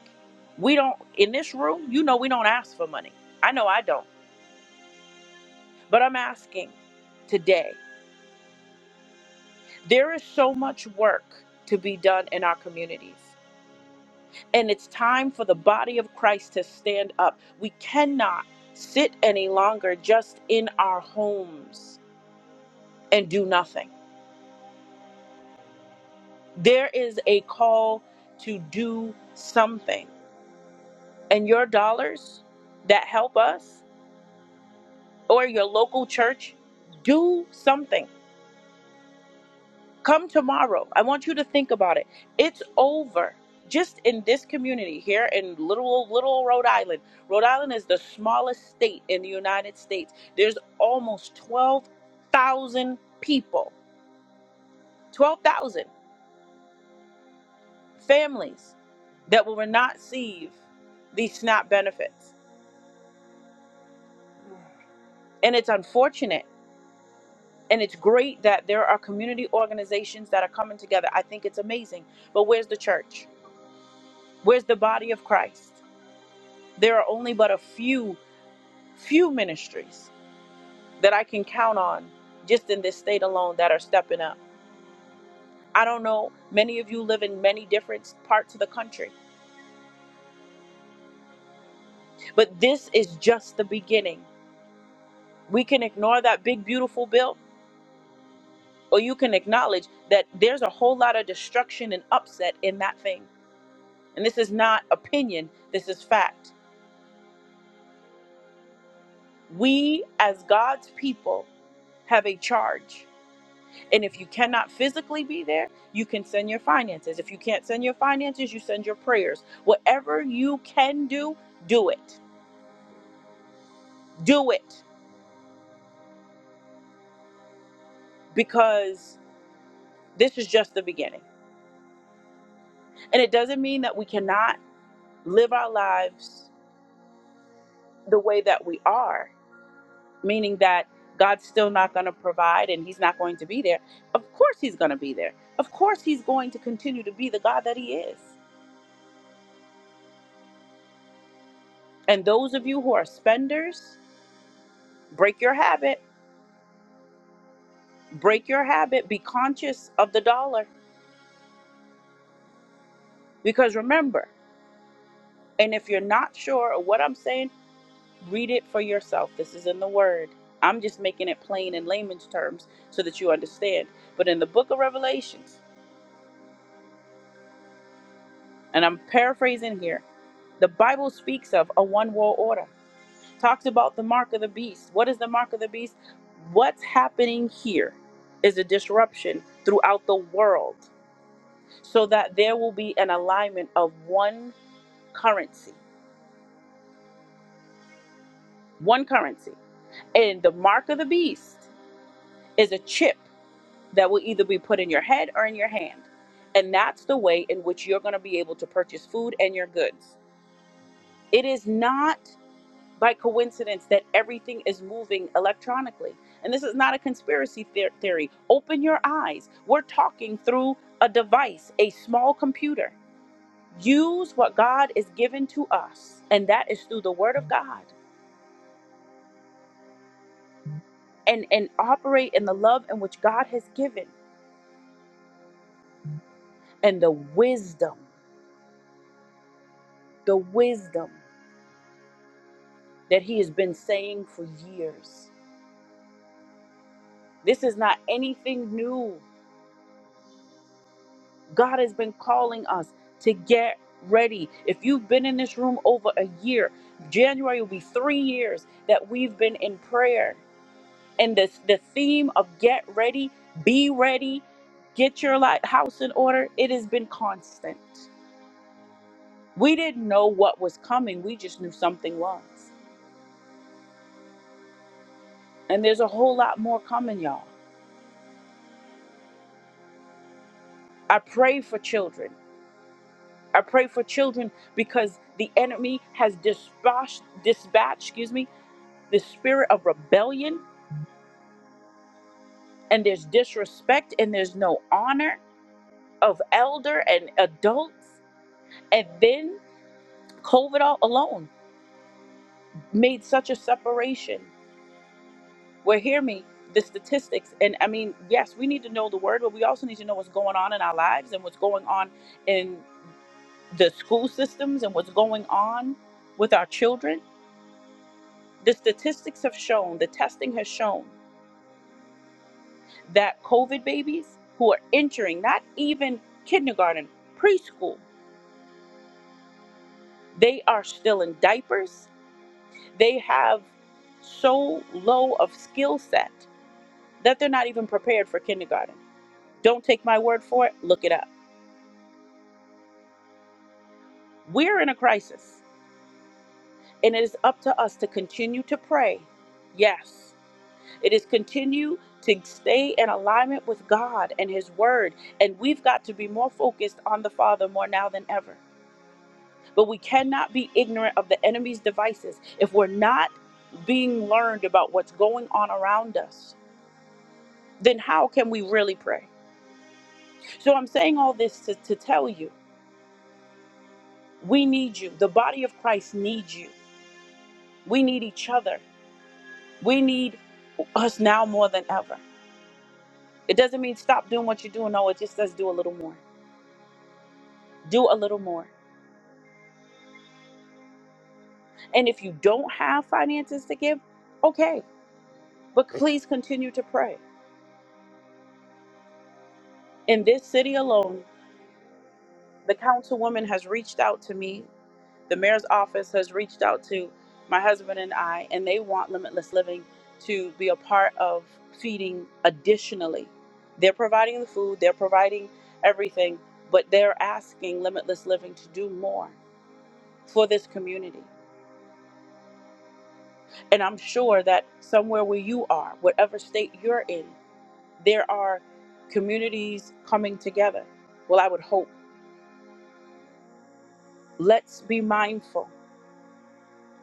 We don't, in this room, you know, we don't ask for money. I know I don't. But I'm asking today, there is so much work to be done in our communities. And it's time for the body of Christ to stand up. We cannot sit any longer just in our homes and do nothing. There is a call to do something. And your dollars that help us or your local church, do something. Come tomorrow. I want you to think about it. It's over. Just in this community here in little little Rhode Island. Rhode Island is the smallest state in the United States. There's almost 12,000 people. 12,000 families that will not receive these SNAP benefits. And it's unfortunate and it's great that there are community organizations that are coming together. I think it's amazing. But where's the church? Where's the body of Christ? There are only but a few, few ministries that I can count on just in this state alone that are stepping up. I don't know, many of you live in many different parts of the country, but this is just the beginning. We can ignore that big, beautiful bill, or you can acknowledge that there's a whole lot of destruction and upset in that thing. And this is not opinion, this is fact. We, as God's people, have a charge. And if you cannot physically be there, you can send your finances. If you can't send your finances, you send your prayers. Whatever you can do, do it. Do it because this is just the beginning. And it doesn't mean that we cannot live our lives the way that we are, meaning that God's still not going to provide and he's not going to be there. Of course, he's going to be there. Of course, he's going to continue to be the God that he is. And those of you who are spenders, break your habit break your habit be conscious of the dollar because remember and if you're not sure of what i'm saying read it for yourself this is in the word i'm just making it plain in layman's terms so that you understand but in the book of revelations and i'm paraphrasing here the bible speaks of a one world order talks about the mark of the beast what is the mark of the beast what's happening here is a disruption throughout the world so that there will be an alignment of one currency one currency. And the mark of the beast is a chip that will either be put in your head or in your hand. And that's the way in which you're going to be able to purchase food and your goods. It is not by coincidence that everything is moving electronically. And this is not a conspiracy the- theory. Open your eyes. We're talking through a device, a small computer. Use what God is given to us, and that is through the Word of God, and, and operate in the love in which God has given. and the wisdom, the wisdom that he has been saying for years. This is not anything new. God has been calling us to get ready. If you've been in this room over a year, January will be three years that we've been in prayer. And this, the theme of get ready, be ready, get your li- house in order, it has been constant. We didn't know what was coming, we just knew something was. And there's a whole lot more coming, y'all. I pray for children. I pray for children because the enemy has dispatched, dispatched, excuse me, the spirit of rebellion, and there's disrespect, and there's no honor of elder and adults. And then COVID all alone made such a separation. Well, hear me, the statistics, and I mean, yes, we need to know the word, but we also need to know what's going on in our lives and what's going on in the school systems and what's going on with our children The statistics have shown, the testing has shown that COVID babies who are entering not even kindergarten, preschool, they are still in diapers. They have so low of skill set that they're not even prepared for kindergarten. Don't take my word for it, look it up. We're in a crisis, and it is up to us to continue to pray. Yes. It is continue to stay in alignment with God and His Word. And we've got to be more focused on the Father more now than ever. But we cannot be ignorant of the enemy's devices. If we're not being learned about what's going on around us, then how can we really pray? So I'm saying all this to, to tell you we need you. The body of Christ needs you. We need each other. We need us now more than ever. It doesn't mean stop doing what you're doing. No, it just says do a little more. Do a little more. And if you don't have finances to give, okay, but please continue to pray. In this city alone, the councilwoman has reached out to me, the mayor's office has reached out to my husband and I, and they want Limitless Living to be a part of feeding additionally. They're providing the food, they're providing everything, but they're asking Limitless Living to do more for this community. And I'm sure that somewhere where you are, whatever state you're in, There are communities coming together. Well, I would hope. Let's be mindful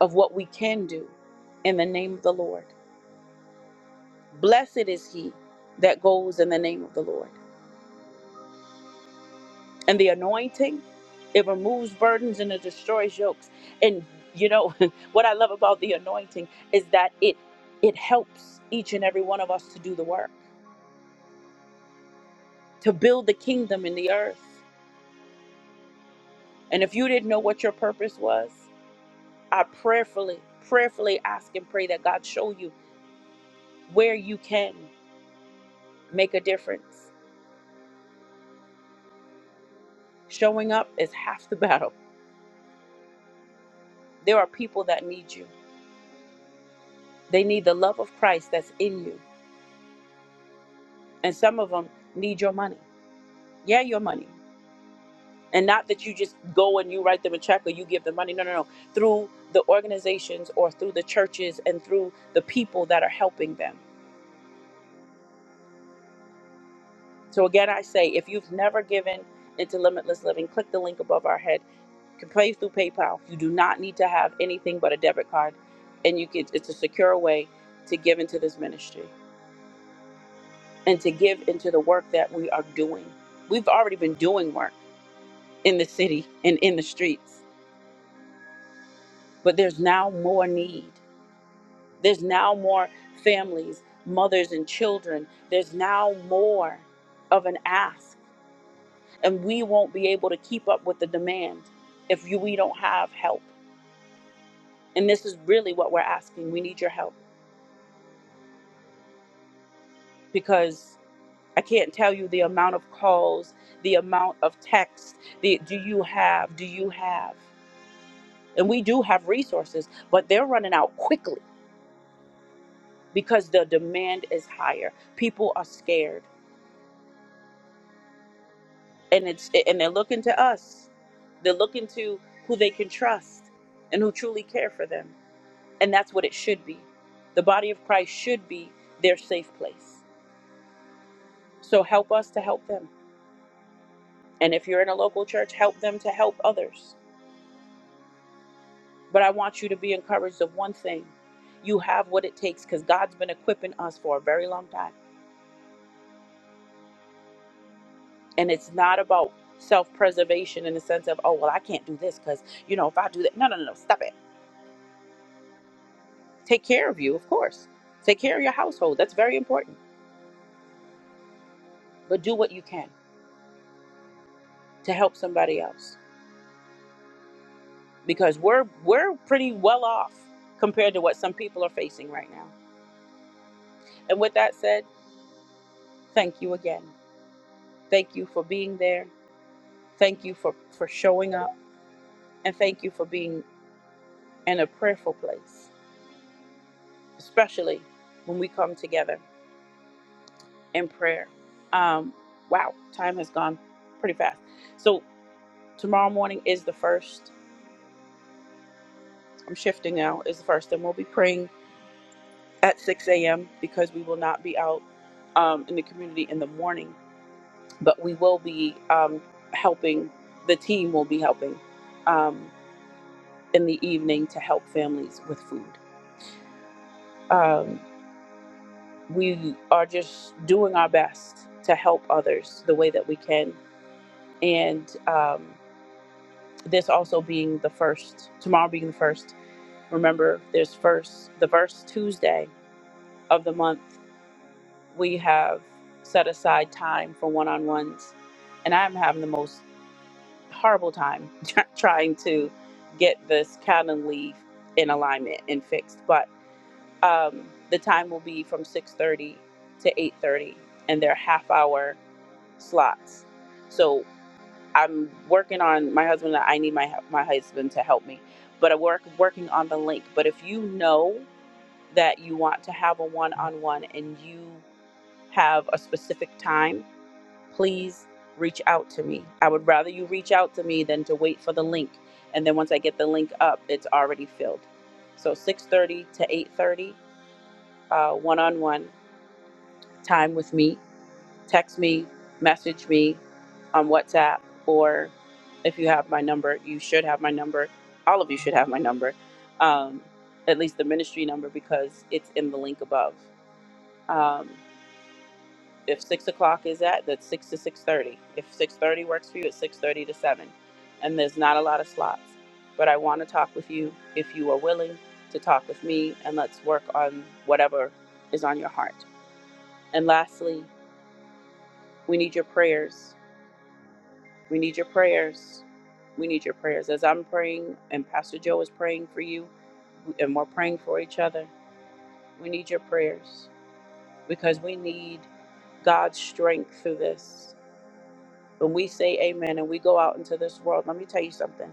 of what we can do in the name of the Lord. Blessed is he that goes in the name of the Lord. And the anointing, it removes burdens and it destroys yokes. And you know what I love about the anointing is that it it helps each and every one of us to do the work, to build the kingdom in the earth. And if you didn't know what your purpose was, I prayerfully, prayerfully ask and pray that God show you where you can make a difference. Showing up is half the battle. There are people that need you. They need the love of Christ that's in you. And some of them need your money. Yeah, your money. And not that you just go and you write them a check or you give them money. No, no, no. Through the organizations or through the churches and through the people that are helping them. So again, I say if you've never given into Limitless Living, click the link above our head You can pay through PayPal. You do not need to have anything but a debit card, and you can. It's a secure way to give into this ministry and to give into the work that we are doing. We've already been doing work in the city and in the streets, but there's now more need. There's now more families, mothers, and children. There's now more of an ask, and we won't be able to keep up with the demand if you, we don't have help. And this is really what we're asking. We need your help because I can't tell you the amount of calls, the amount of texts. The, do you have? Do you have? And we do have resources, but they're running out quickly because the demand is higher. People are scared, and it's and they're looking to us. They're looking to who they can trust and who truly care for them. And that's what it should be. The body of Christ should be their safe place. So help us to help them. And if you're in a local church, help them to help others But I want you to be encouraged of one thing. You have what it takes because God's been equipping us for a very long time. And it's not about self preservation in the sense of, oh, well, I can't do this because, you know, if I do that. No, no, no, no, stop it. Take care of you, of course. Take care of your household. That's very important. But do what you can to help somebody else because we're, we're pretty well off compared to what some people are facing right now. And with that said, thank you again. Thank you for being there. Thank you for, for showing up. And thank you for being and a prayerful place, especially when we come together in prayer. Um, wow, time has gone pretty fast. So tomorrow morning is the first. I'm shifting now. Is the first, and we'll be praying at 6 a.m. because we will not be out um, in the community in the morning, but we will be um, helping. The team will be helping um, in the evening to help families with food. Um, we are just doing our best to help others the way that we can. And um, this also being the first, tomorrow being the first, remember there's first, the first Tuesday of the month, we have set aside time for one on ones. And I'm having the most horrible time trying to get this calendar leave in alignment and fixed. But um, the time will be from 6.30 to 8.30 and they're half hour slots. So I'm working on my husband. I need my my husband to help me, but I work working on the link. But if you know that you want to have a one-on-one and you have a specific time, please reach out to me. I would rather you reach out to me than to wait for the link. And then once I get the link up, it's already filled. So 6:30 to 8:30, uh, one-on-one time with me text me, message me on WhatsApp, or if you have my number, you should have my number. All of you should have my number, um, at least the ministry number because it's in the link above. Um, if six o'clock is at, that's six to six thirty. If six thirty works for you, it's six thirty to seven, and there's not a lot of slots. But I want to talk with you if you are willing to talk with me, and let's work on whatever is on your heart. And lastly, we need your prayers We need your prayers. We need your prayers. As I'm praying and Pastor Joe is praying for you, and we're praying for each other, we need your prayers because we need God's strength through this. When we say amen and we go out into this world, let me tell you something.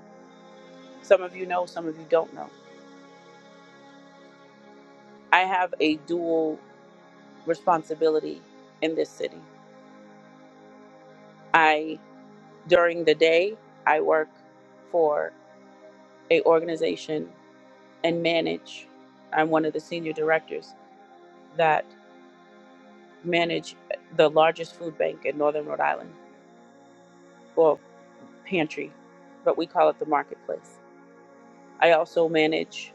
Some of you know, some of you don't know. I have a dual responsibility in this city. I, during the day, I work for a organization and manage. I'm one of the senior directors that. manage the largest food bank in northern Rhode Island, or pantry, but we call it the marketplace. I also manage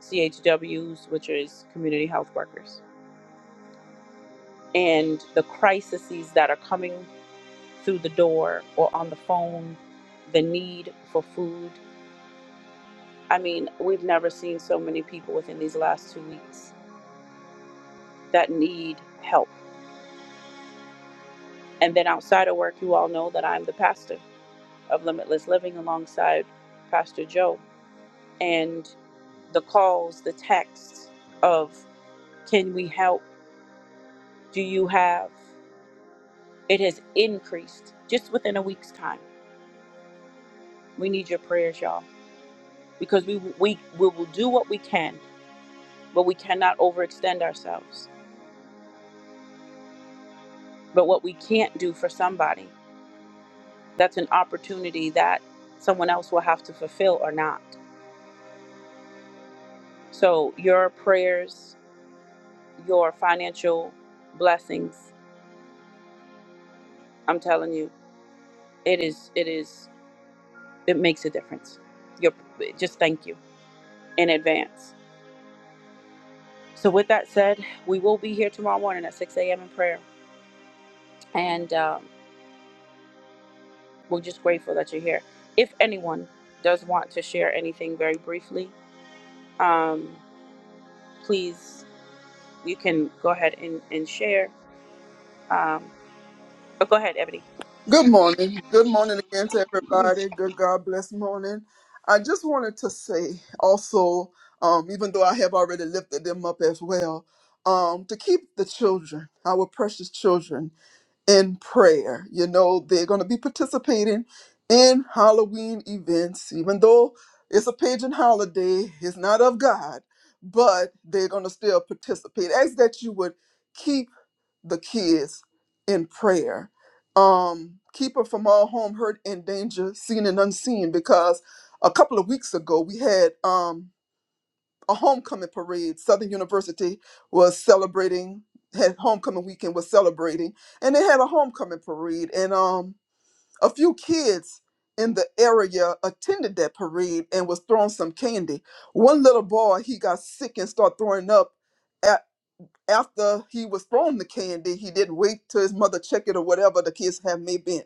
CHWs, which is community health workers, and the crises that are coming through the door or on the phone, the need for food. I mean, we've never seen so many people within these last two weeks that need help. And then outside of work, you all know that I'm the pastor of Limitless Living alongside Pastor Joe and the calls, the texts of can we help? Do you have? It has increased just within a week's time. We need your prayers, y'all, because we we we will do what we can, but we cannot overextend ourselves. But what we can't do for somebody, that's an opportunity that someone else will have to fulfill or not. So your prayers, your financial blessings, I'm telling you, it is it is. It makes a difference. Your just thank you in advance. So with that said, we will be here tomorrow morning at 6 a.m. in prayer, and um, we're just grateful that you're here. If anyone does want to share anything very briefly, um, please you can go ahead and, and share. Um, but go ahead, Ebony.
Good morning. Good morning again to everybody. Good God bless morning. I just wanted to say also, um, even though I have already lifted them up as well, um, to keep the children, our precious children, in prayer. You know, they're going to be participating in Halloween events, even though it's a pagan holiday, it's not of God, but they're going to still participate. Ask that you would. keep the kids in prayer. Um, keep her from all harm, hurt, and danger, seen and unseen. Because a couple of weeks ago, we had um, a homecoming parade. Southern University was celebrating, had homecoming weekend was celebrating, and they had a homecoming parade. And um, a few kids in the area attended that parade and was throwing some candy. One little boy, he got sick and started throwing up after he was thrown the candy, he didn't wait till his mother checked it or whatever the kids have may been.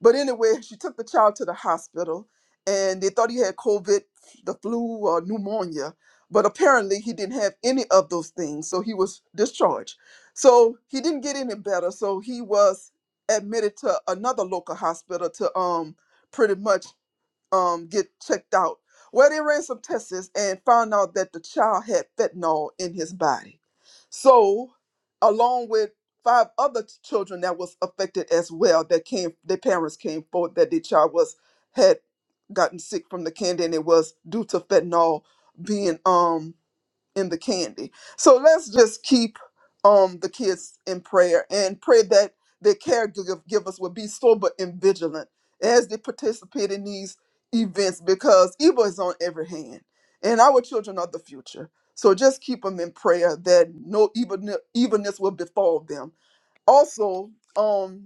But anyway, she took the child to the hospital and they thought he had COVID, the flu, or pneumonia. But apparently, he didn't have any of those things. So he was discharged. So he didn't get any better. So he was admitted to another local hospital to um pretty much um get checked out. Well, they ran some tests and found out that the child had fentanyl in his body. So along with five other t- children that was affected as well that came their parents came forward that their child was had gotten sick from the candy and it was due to fentanyl being um in the candy. So let's just keep um the kids in prayer and pray that their caregivers will be sober and vigilant as they participate in these events because evil is on every hand and our children are the future. So just keep them in prayer that no evil evilness will befall them. Also, um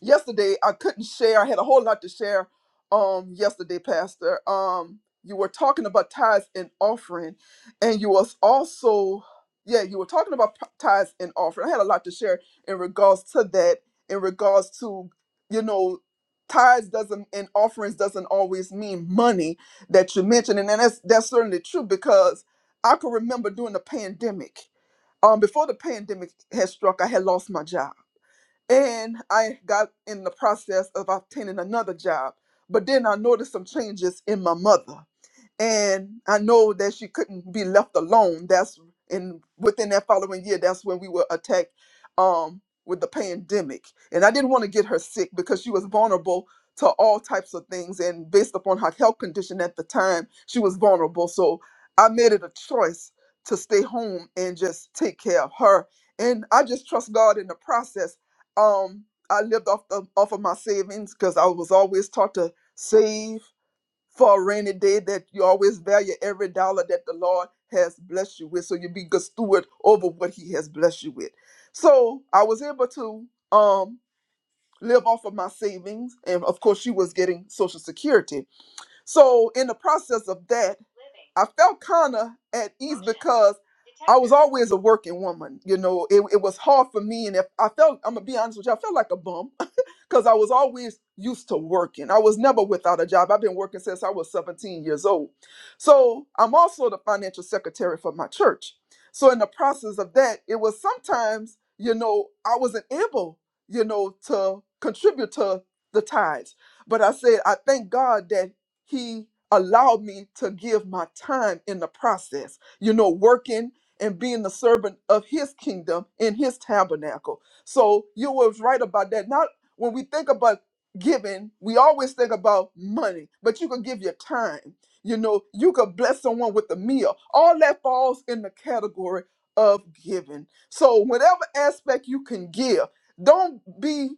yesterday I couldn't share. I had a whole lot to share um yesterday, Pastor. Um you were talking about tithes and offering and you was also yeah, you were talking about p- tithes and offering. I had a lot to share in regards to that, in regards to, you know, tithes doesn't and offerings doesn't always mean money that you mentioned. And, and that's that's certainly true because I can remember during the pandemic. Um before the pandemic had struck, I had lost my job and I got in the process of obtaining another job. But then I noticed some changes in my mother and I know that she couldn't be left alone. That's and within that following year, that's when we were attacked um, with the pandemic, and I didn't want to get her sick because she was vulnerable to all types of things, and based upon her health condition at the time, she was vulnerable. So I made it a choice to stay home and just take care of her, and I just trust God in the process. Um, I lived off the off of my savings because I was always taught to save for a rainy day that you always value every dollar that the Lord has blessed you with. So you be good steward over what He has blessed you with. So I was able to um live off of my savings. And of course, she was getting Social Security. So in the process of that, I felt kind of at ease because I was always a working woman. You know, it, it was hard for me. And if I felt, I'm going to be honest with you, I felt like a bum because I was always used to working. I was never without a job. I've been working since I was 17 years old. So I'm also the financial secretary for my church. So in the process of that, it was sometimes, you know, I wasn't able, you know, to contribute to the tithes. But I said, I thank God that He allowed me to give my time in the process, you know, working and being the servant of His kingdom in His tabernacle. So you was right about that. Not when we think about giving, we always think about money, but you could give your time. You know, you could bless someone with a meal. All that falls in the category of giving. So, whatever aspect you can give, don't be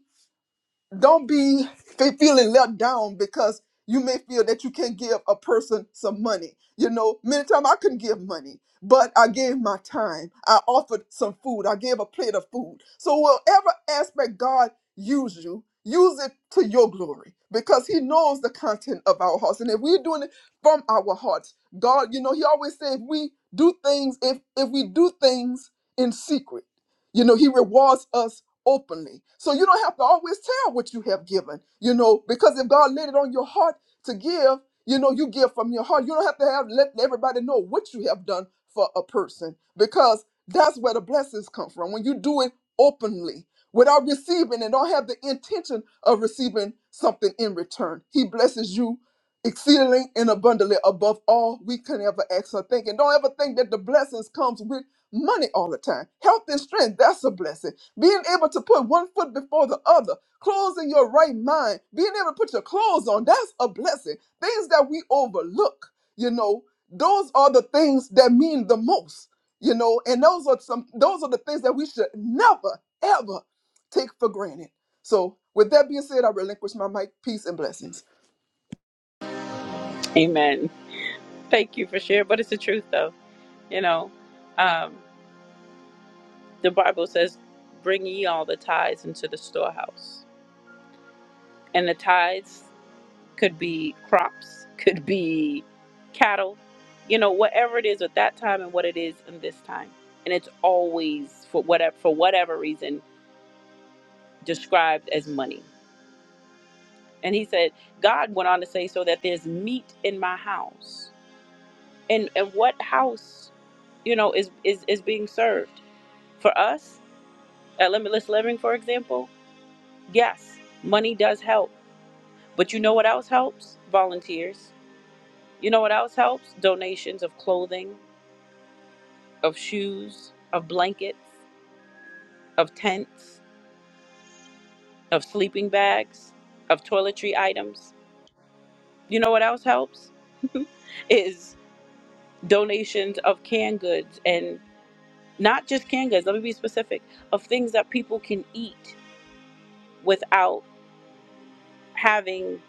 don't be fe- feeling let down because you may feel that you can give a person some money. You know, many times I couldn't give money, but I gave my time. I offered some food. I gave a plate of food. So whatever aspect God use you, use it to your glory because he knows the content of our hearts. And if we're doing it from our hearts, God, you know, he always said if we do things, if if we do things in secret, you know, he rewards us openly. So you don't have to always tell what you have given, you know, because if God laid it on your heart to give, you know, you give from your heart. You don't have to have let everybody know what you have done for a person because that's where the blessings come from. When you do it openly without receiving and don't have the intention of receiving something in return, He blesses you exceedingly and abundantly above all we can ever ask or think. And don't ever think that the blessings comes with money all the time. Health and strength, that's a blessing being able to put one foot before the other, closing your right mind, being able to put your clothes on, that's a blessing. Things that we overlook, you know, those are the things that mean the most, you know, and those are some those are the things that we should never, ever take for granted. So with that being said, I relinquish my mic. Peace and blessings.
Amen. Thank you for sharing. But it's the truth, though. You know, um, the Bible says, "Bring ye all the tithes into the storehouse." And the tithes could be crops, could be cattle, you know, whatever it is at that time and what it is in this time. And it's always for whatever for whatever reason described as money. And he said, God went on to say, so that there's meat in my house. And and what house, you know, is is, is being served? For us, at Limitless Living, for example, yes, money does help. But you know what else helps? Volunteers. You know what else helps? Donations of clothing of shoes, of blankets, of tents, of sleeping bags, of toiletry items. You know what else helps? is donations of canned goods and not just canned goods, let me be specific, of things that people can eat without having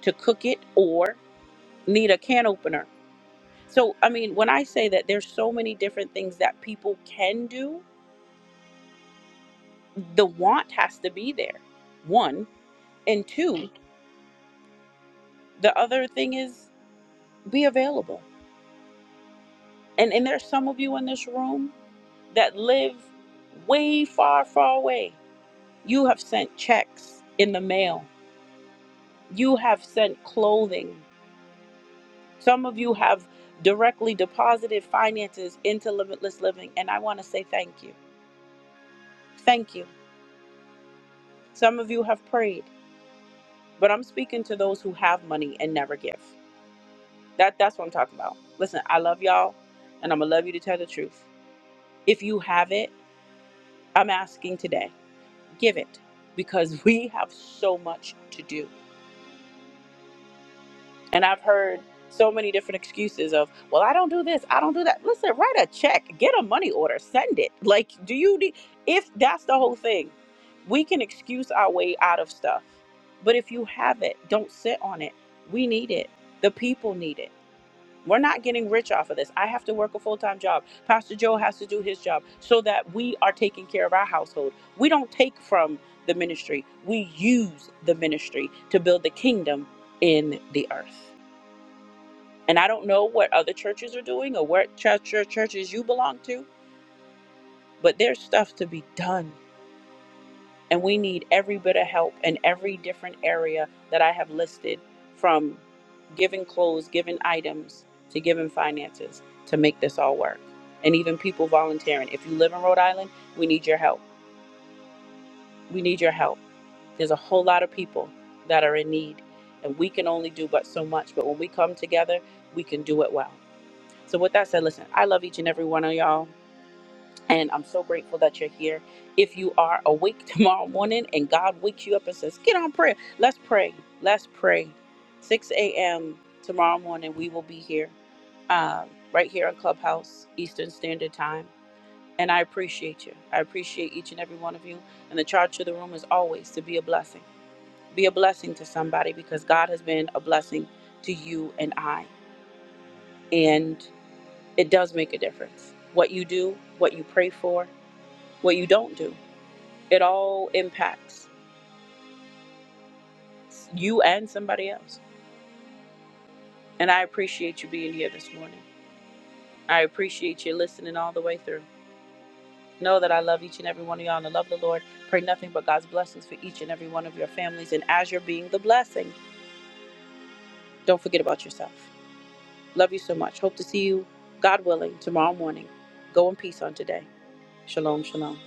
to cook it or need a can opener. So, I mean, when I say that there's so many different things that people can do, the want has to be there. One, and two, the other thing is be available. And and there's some of you in this room that live way far, far away. You have sent checks in the mail. You have sent clothing. Some of you have directly deposited finances into limitless living. And I want to say thank you. Thank you. Some of you have prayed, but I'm speaking to those who have money and never give. That that's what I'm talking about. Listen, I love y'all and I'm gonna love you to tell the truth. If you have it, I'm asking today. give it because we have so much to do. And I've heard so many different excuses of, well, I don't do this, I don't do that. Listen, write a check, get a money order, send it. Like, do you need, if that's the whole thing, we can excuse our way out of stuff. But if you have it, don't sit on it. We need it. The people need it. We're not getting rich off of this. I have to work a full time job. Pastor Joe has to do his job so that we are taking care of our household. We don't take from the ministry, we use the ministry to build the kingdom in the earth. And I don't know what other churches are doing or what church, church, churches you belong to, but there's stuff to be done. And we need every bit of help in every different area that I have listed from giving clothes, giving items, to giving finances to make this all work. And even people volunteering. If you live in Rhode Island, we need your help. We need your help. There's a whole lot of people that are in need, and we can only do but so much. But when we come together, we can do it well. So, with that said, listen, I love each and every one of y'all. And I'm so grateful that you're here. If you are awake tomorrow morning and God wakes you up and says, Get on prayer, let's pray. Let's pray. 6 a.m. tomorrow morning, we will be here, um, right here on Clubhouse, Eastern Standard Time. And I appreciate you. I appreciate each and every one of you. And the charge to the room is always to be a blessing. Be a blessing to somebody because God has been a blessing to you and I. And it does make a difference. What you do, what you pray for, what you don't do It all impacts you and somebody else. And I appreciate you being here this morning. I appreciate you listening all the way through. Know that I love each and every one of y'all and I love the Lord. Pray nothing but God's blessings for each and every one of your families. And as you're being the blessing, don't forget about yourself. Love you so much. Hope to see you, God willing, tomorrow morning. Go in peace on today. Shalom, shalom.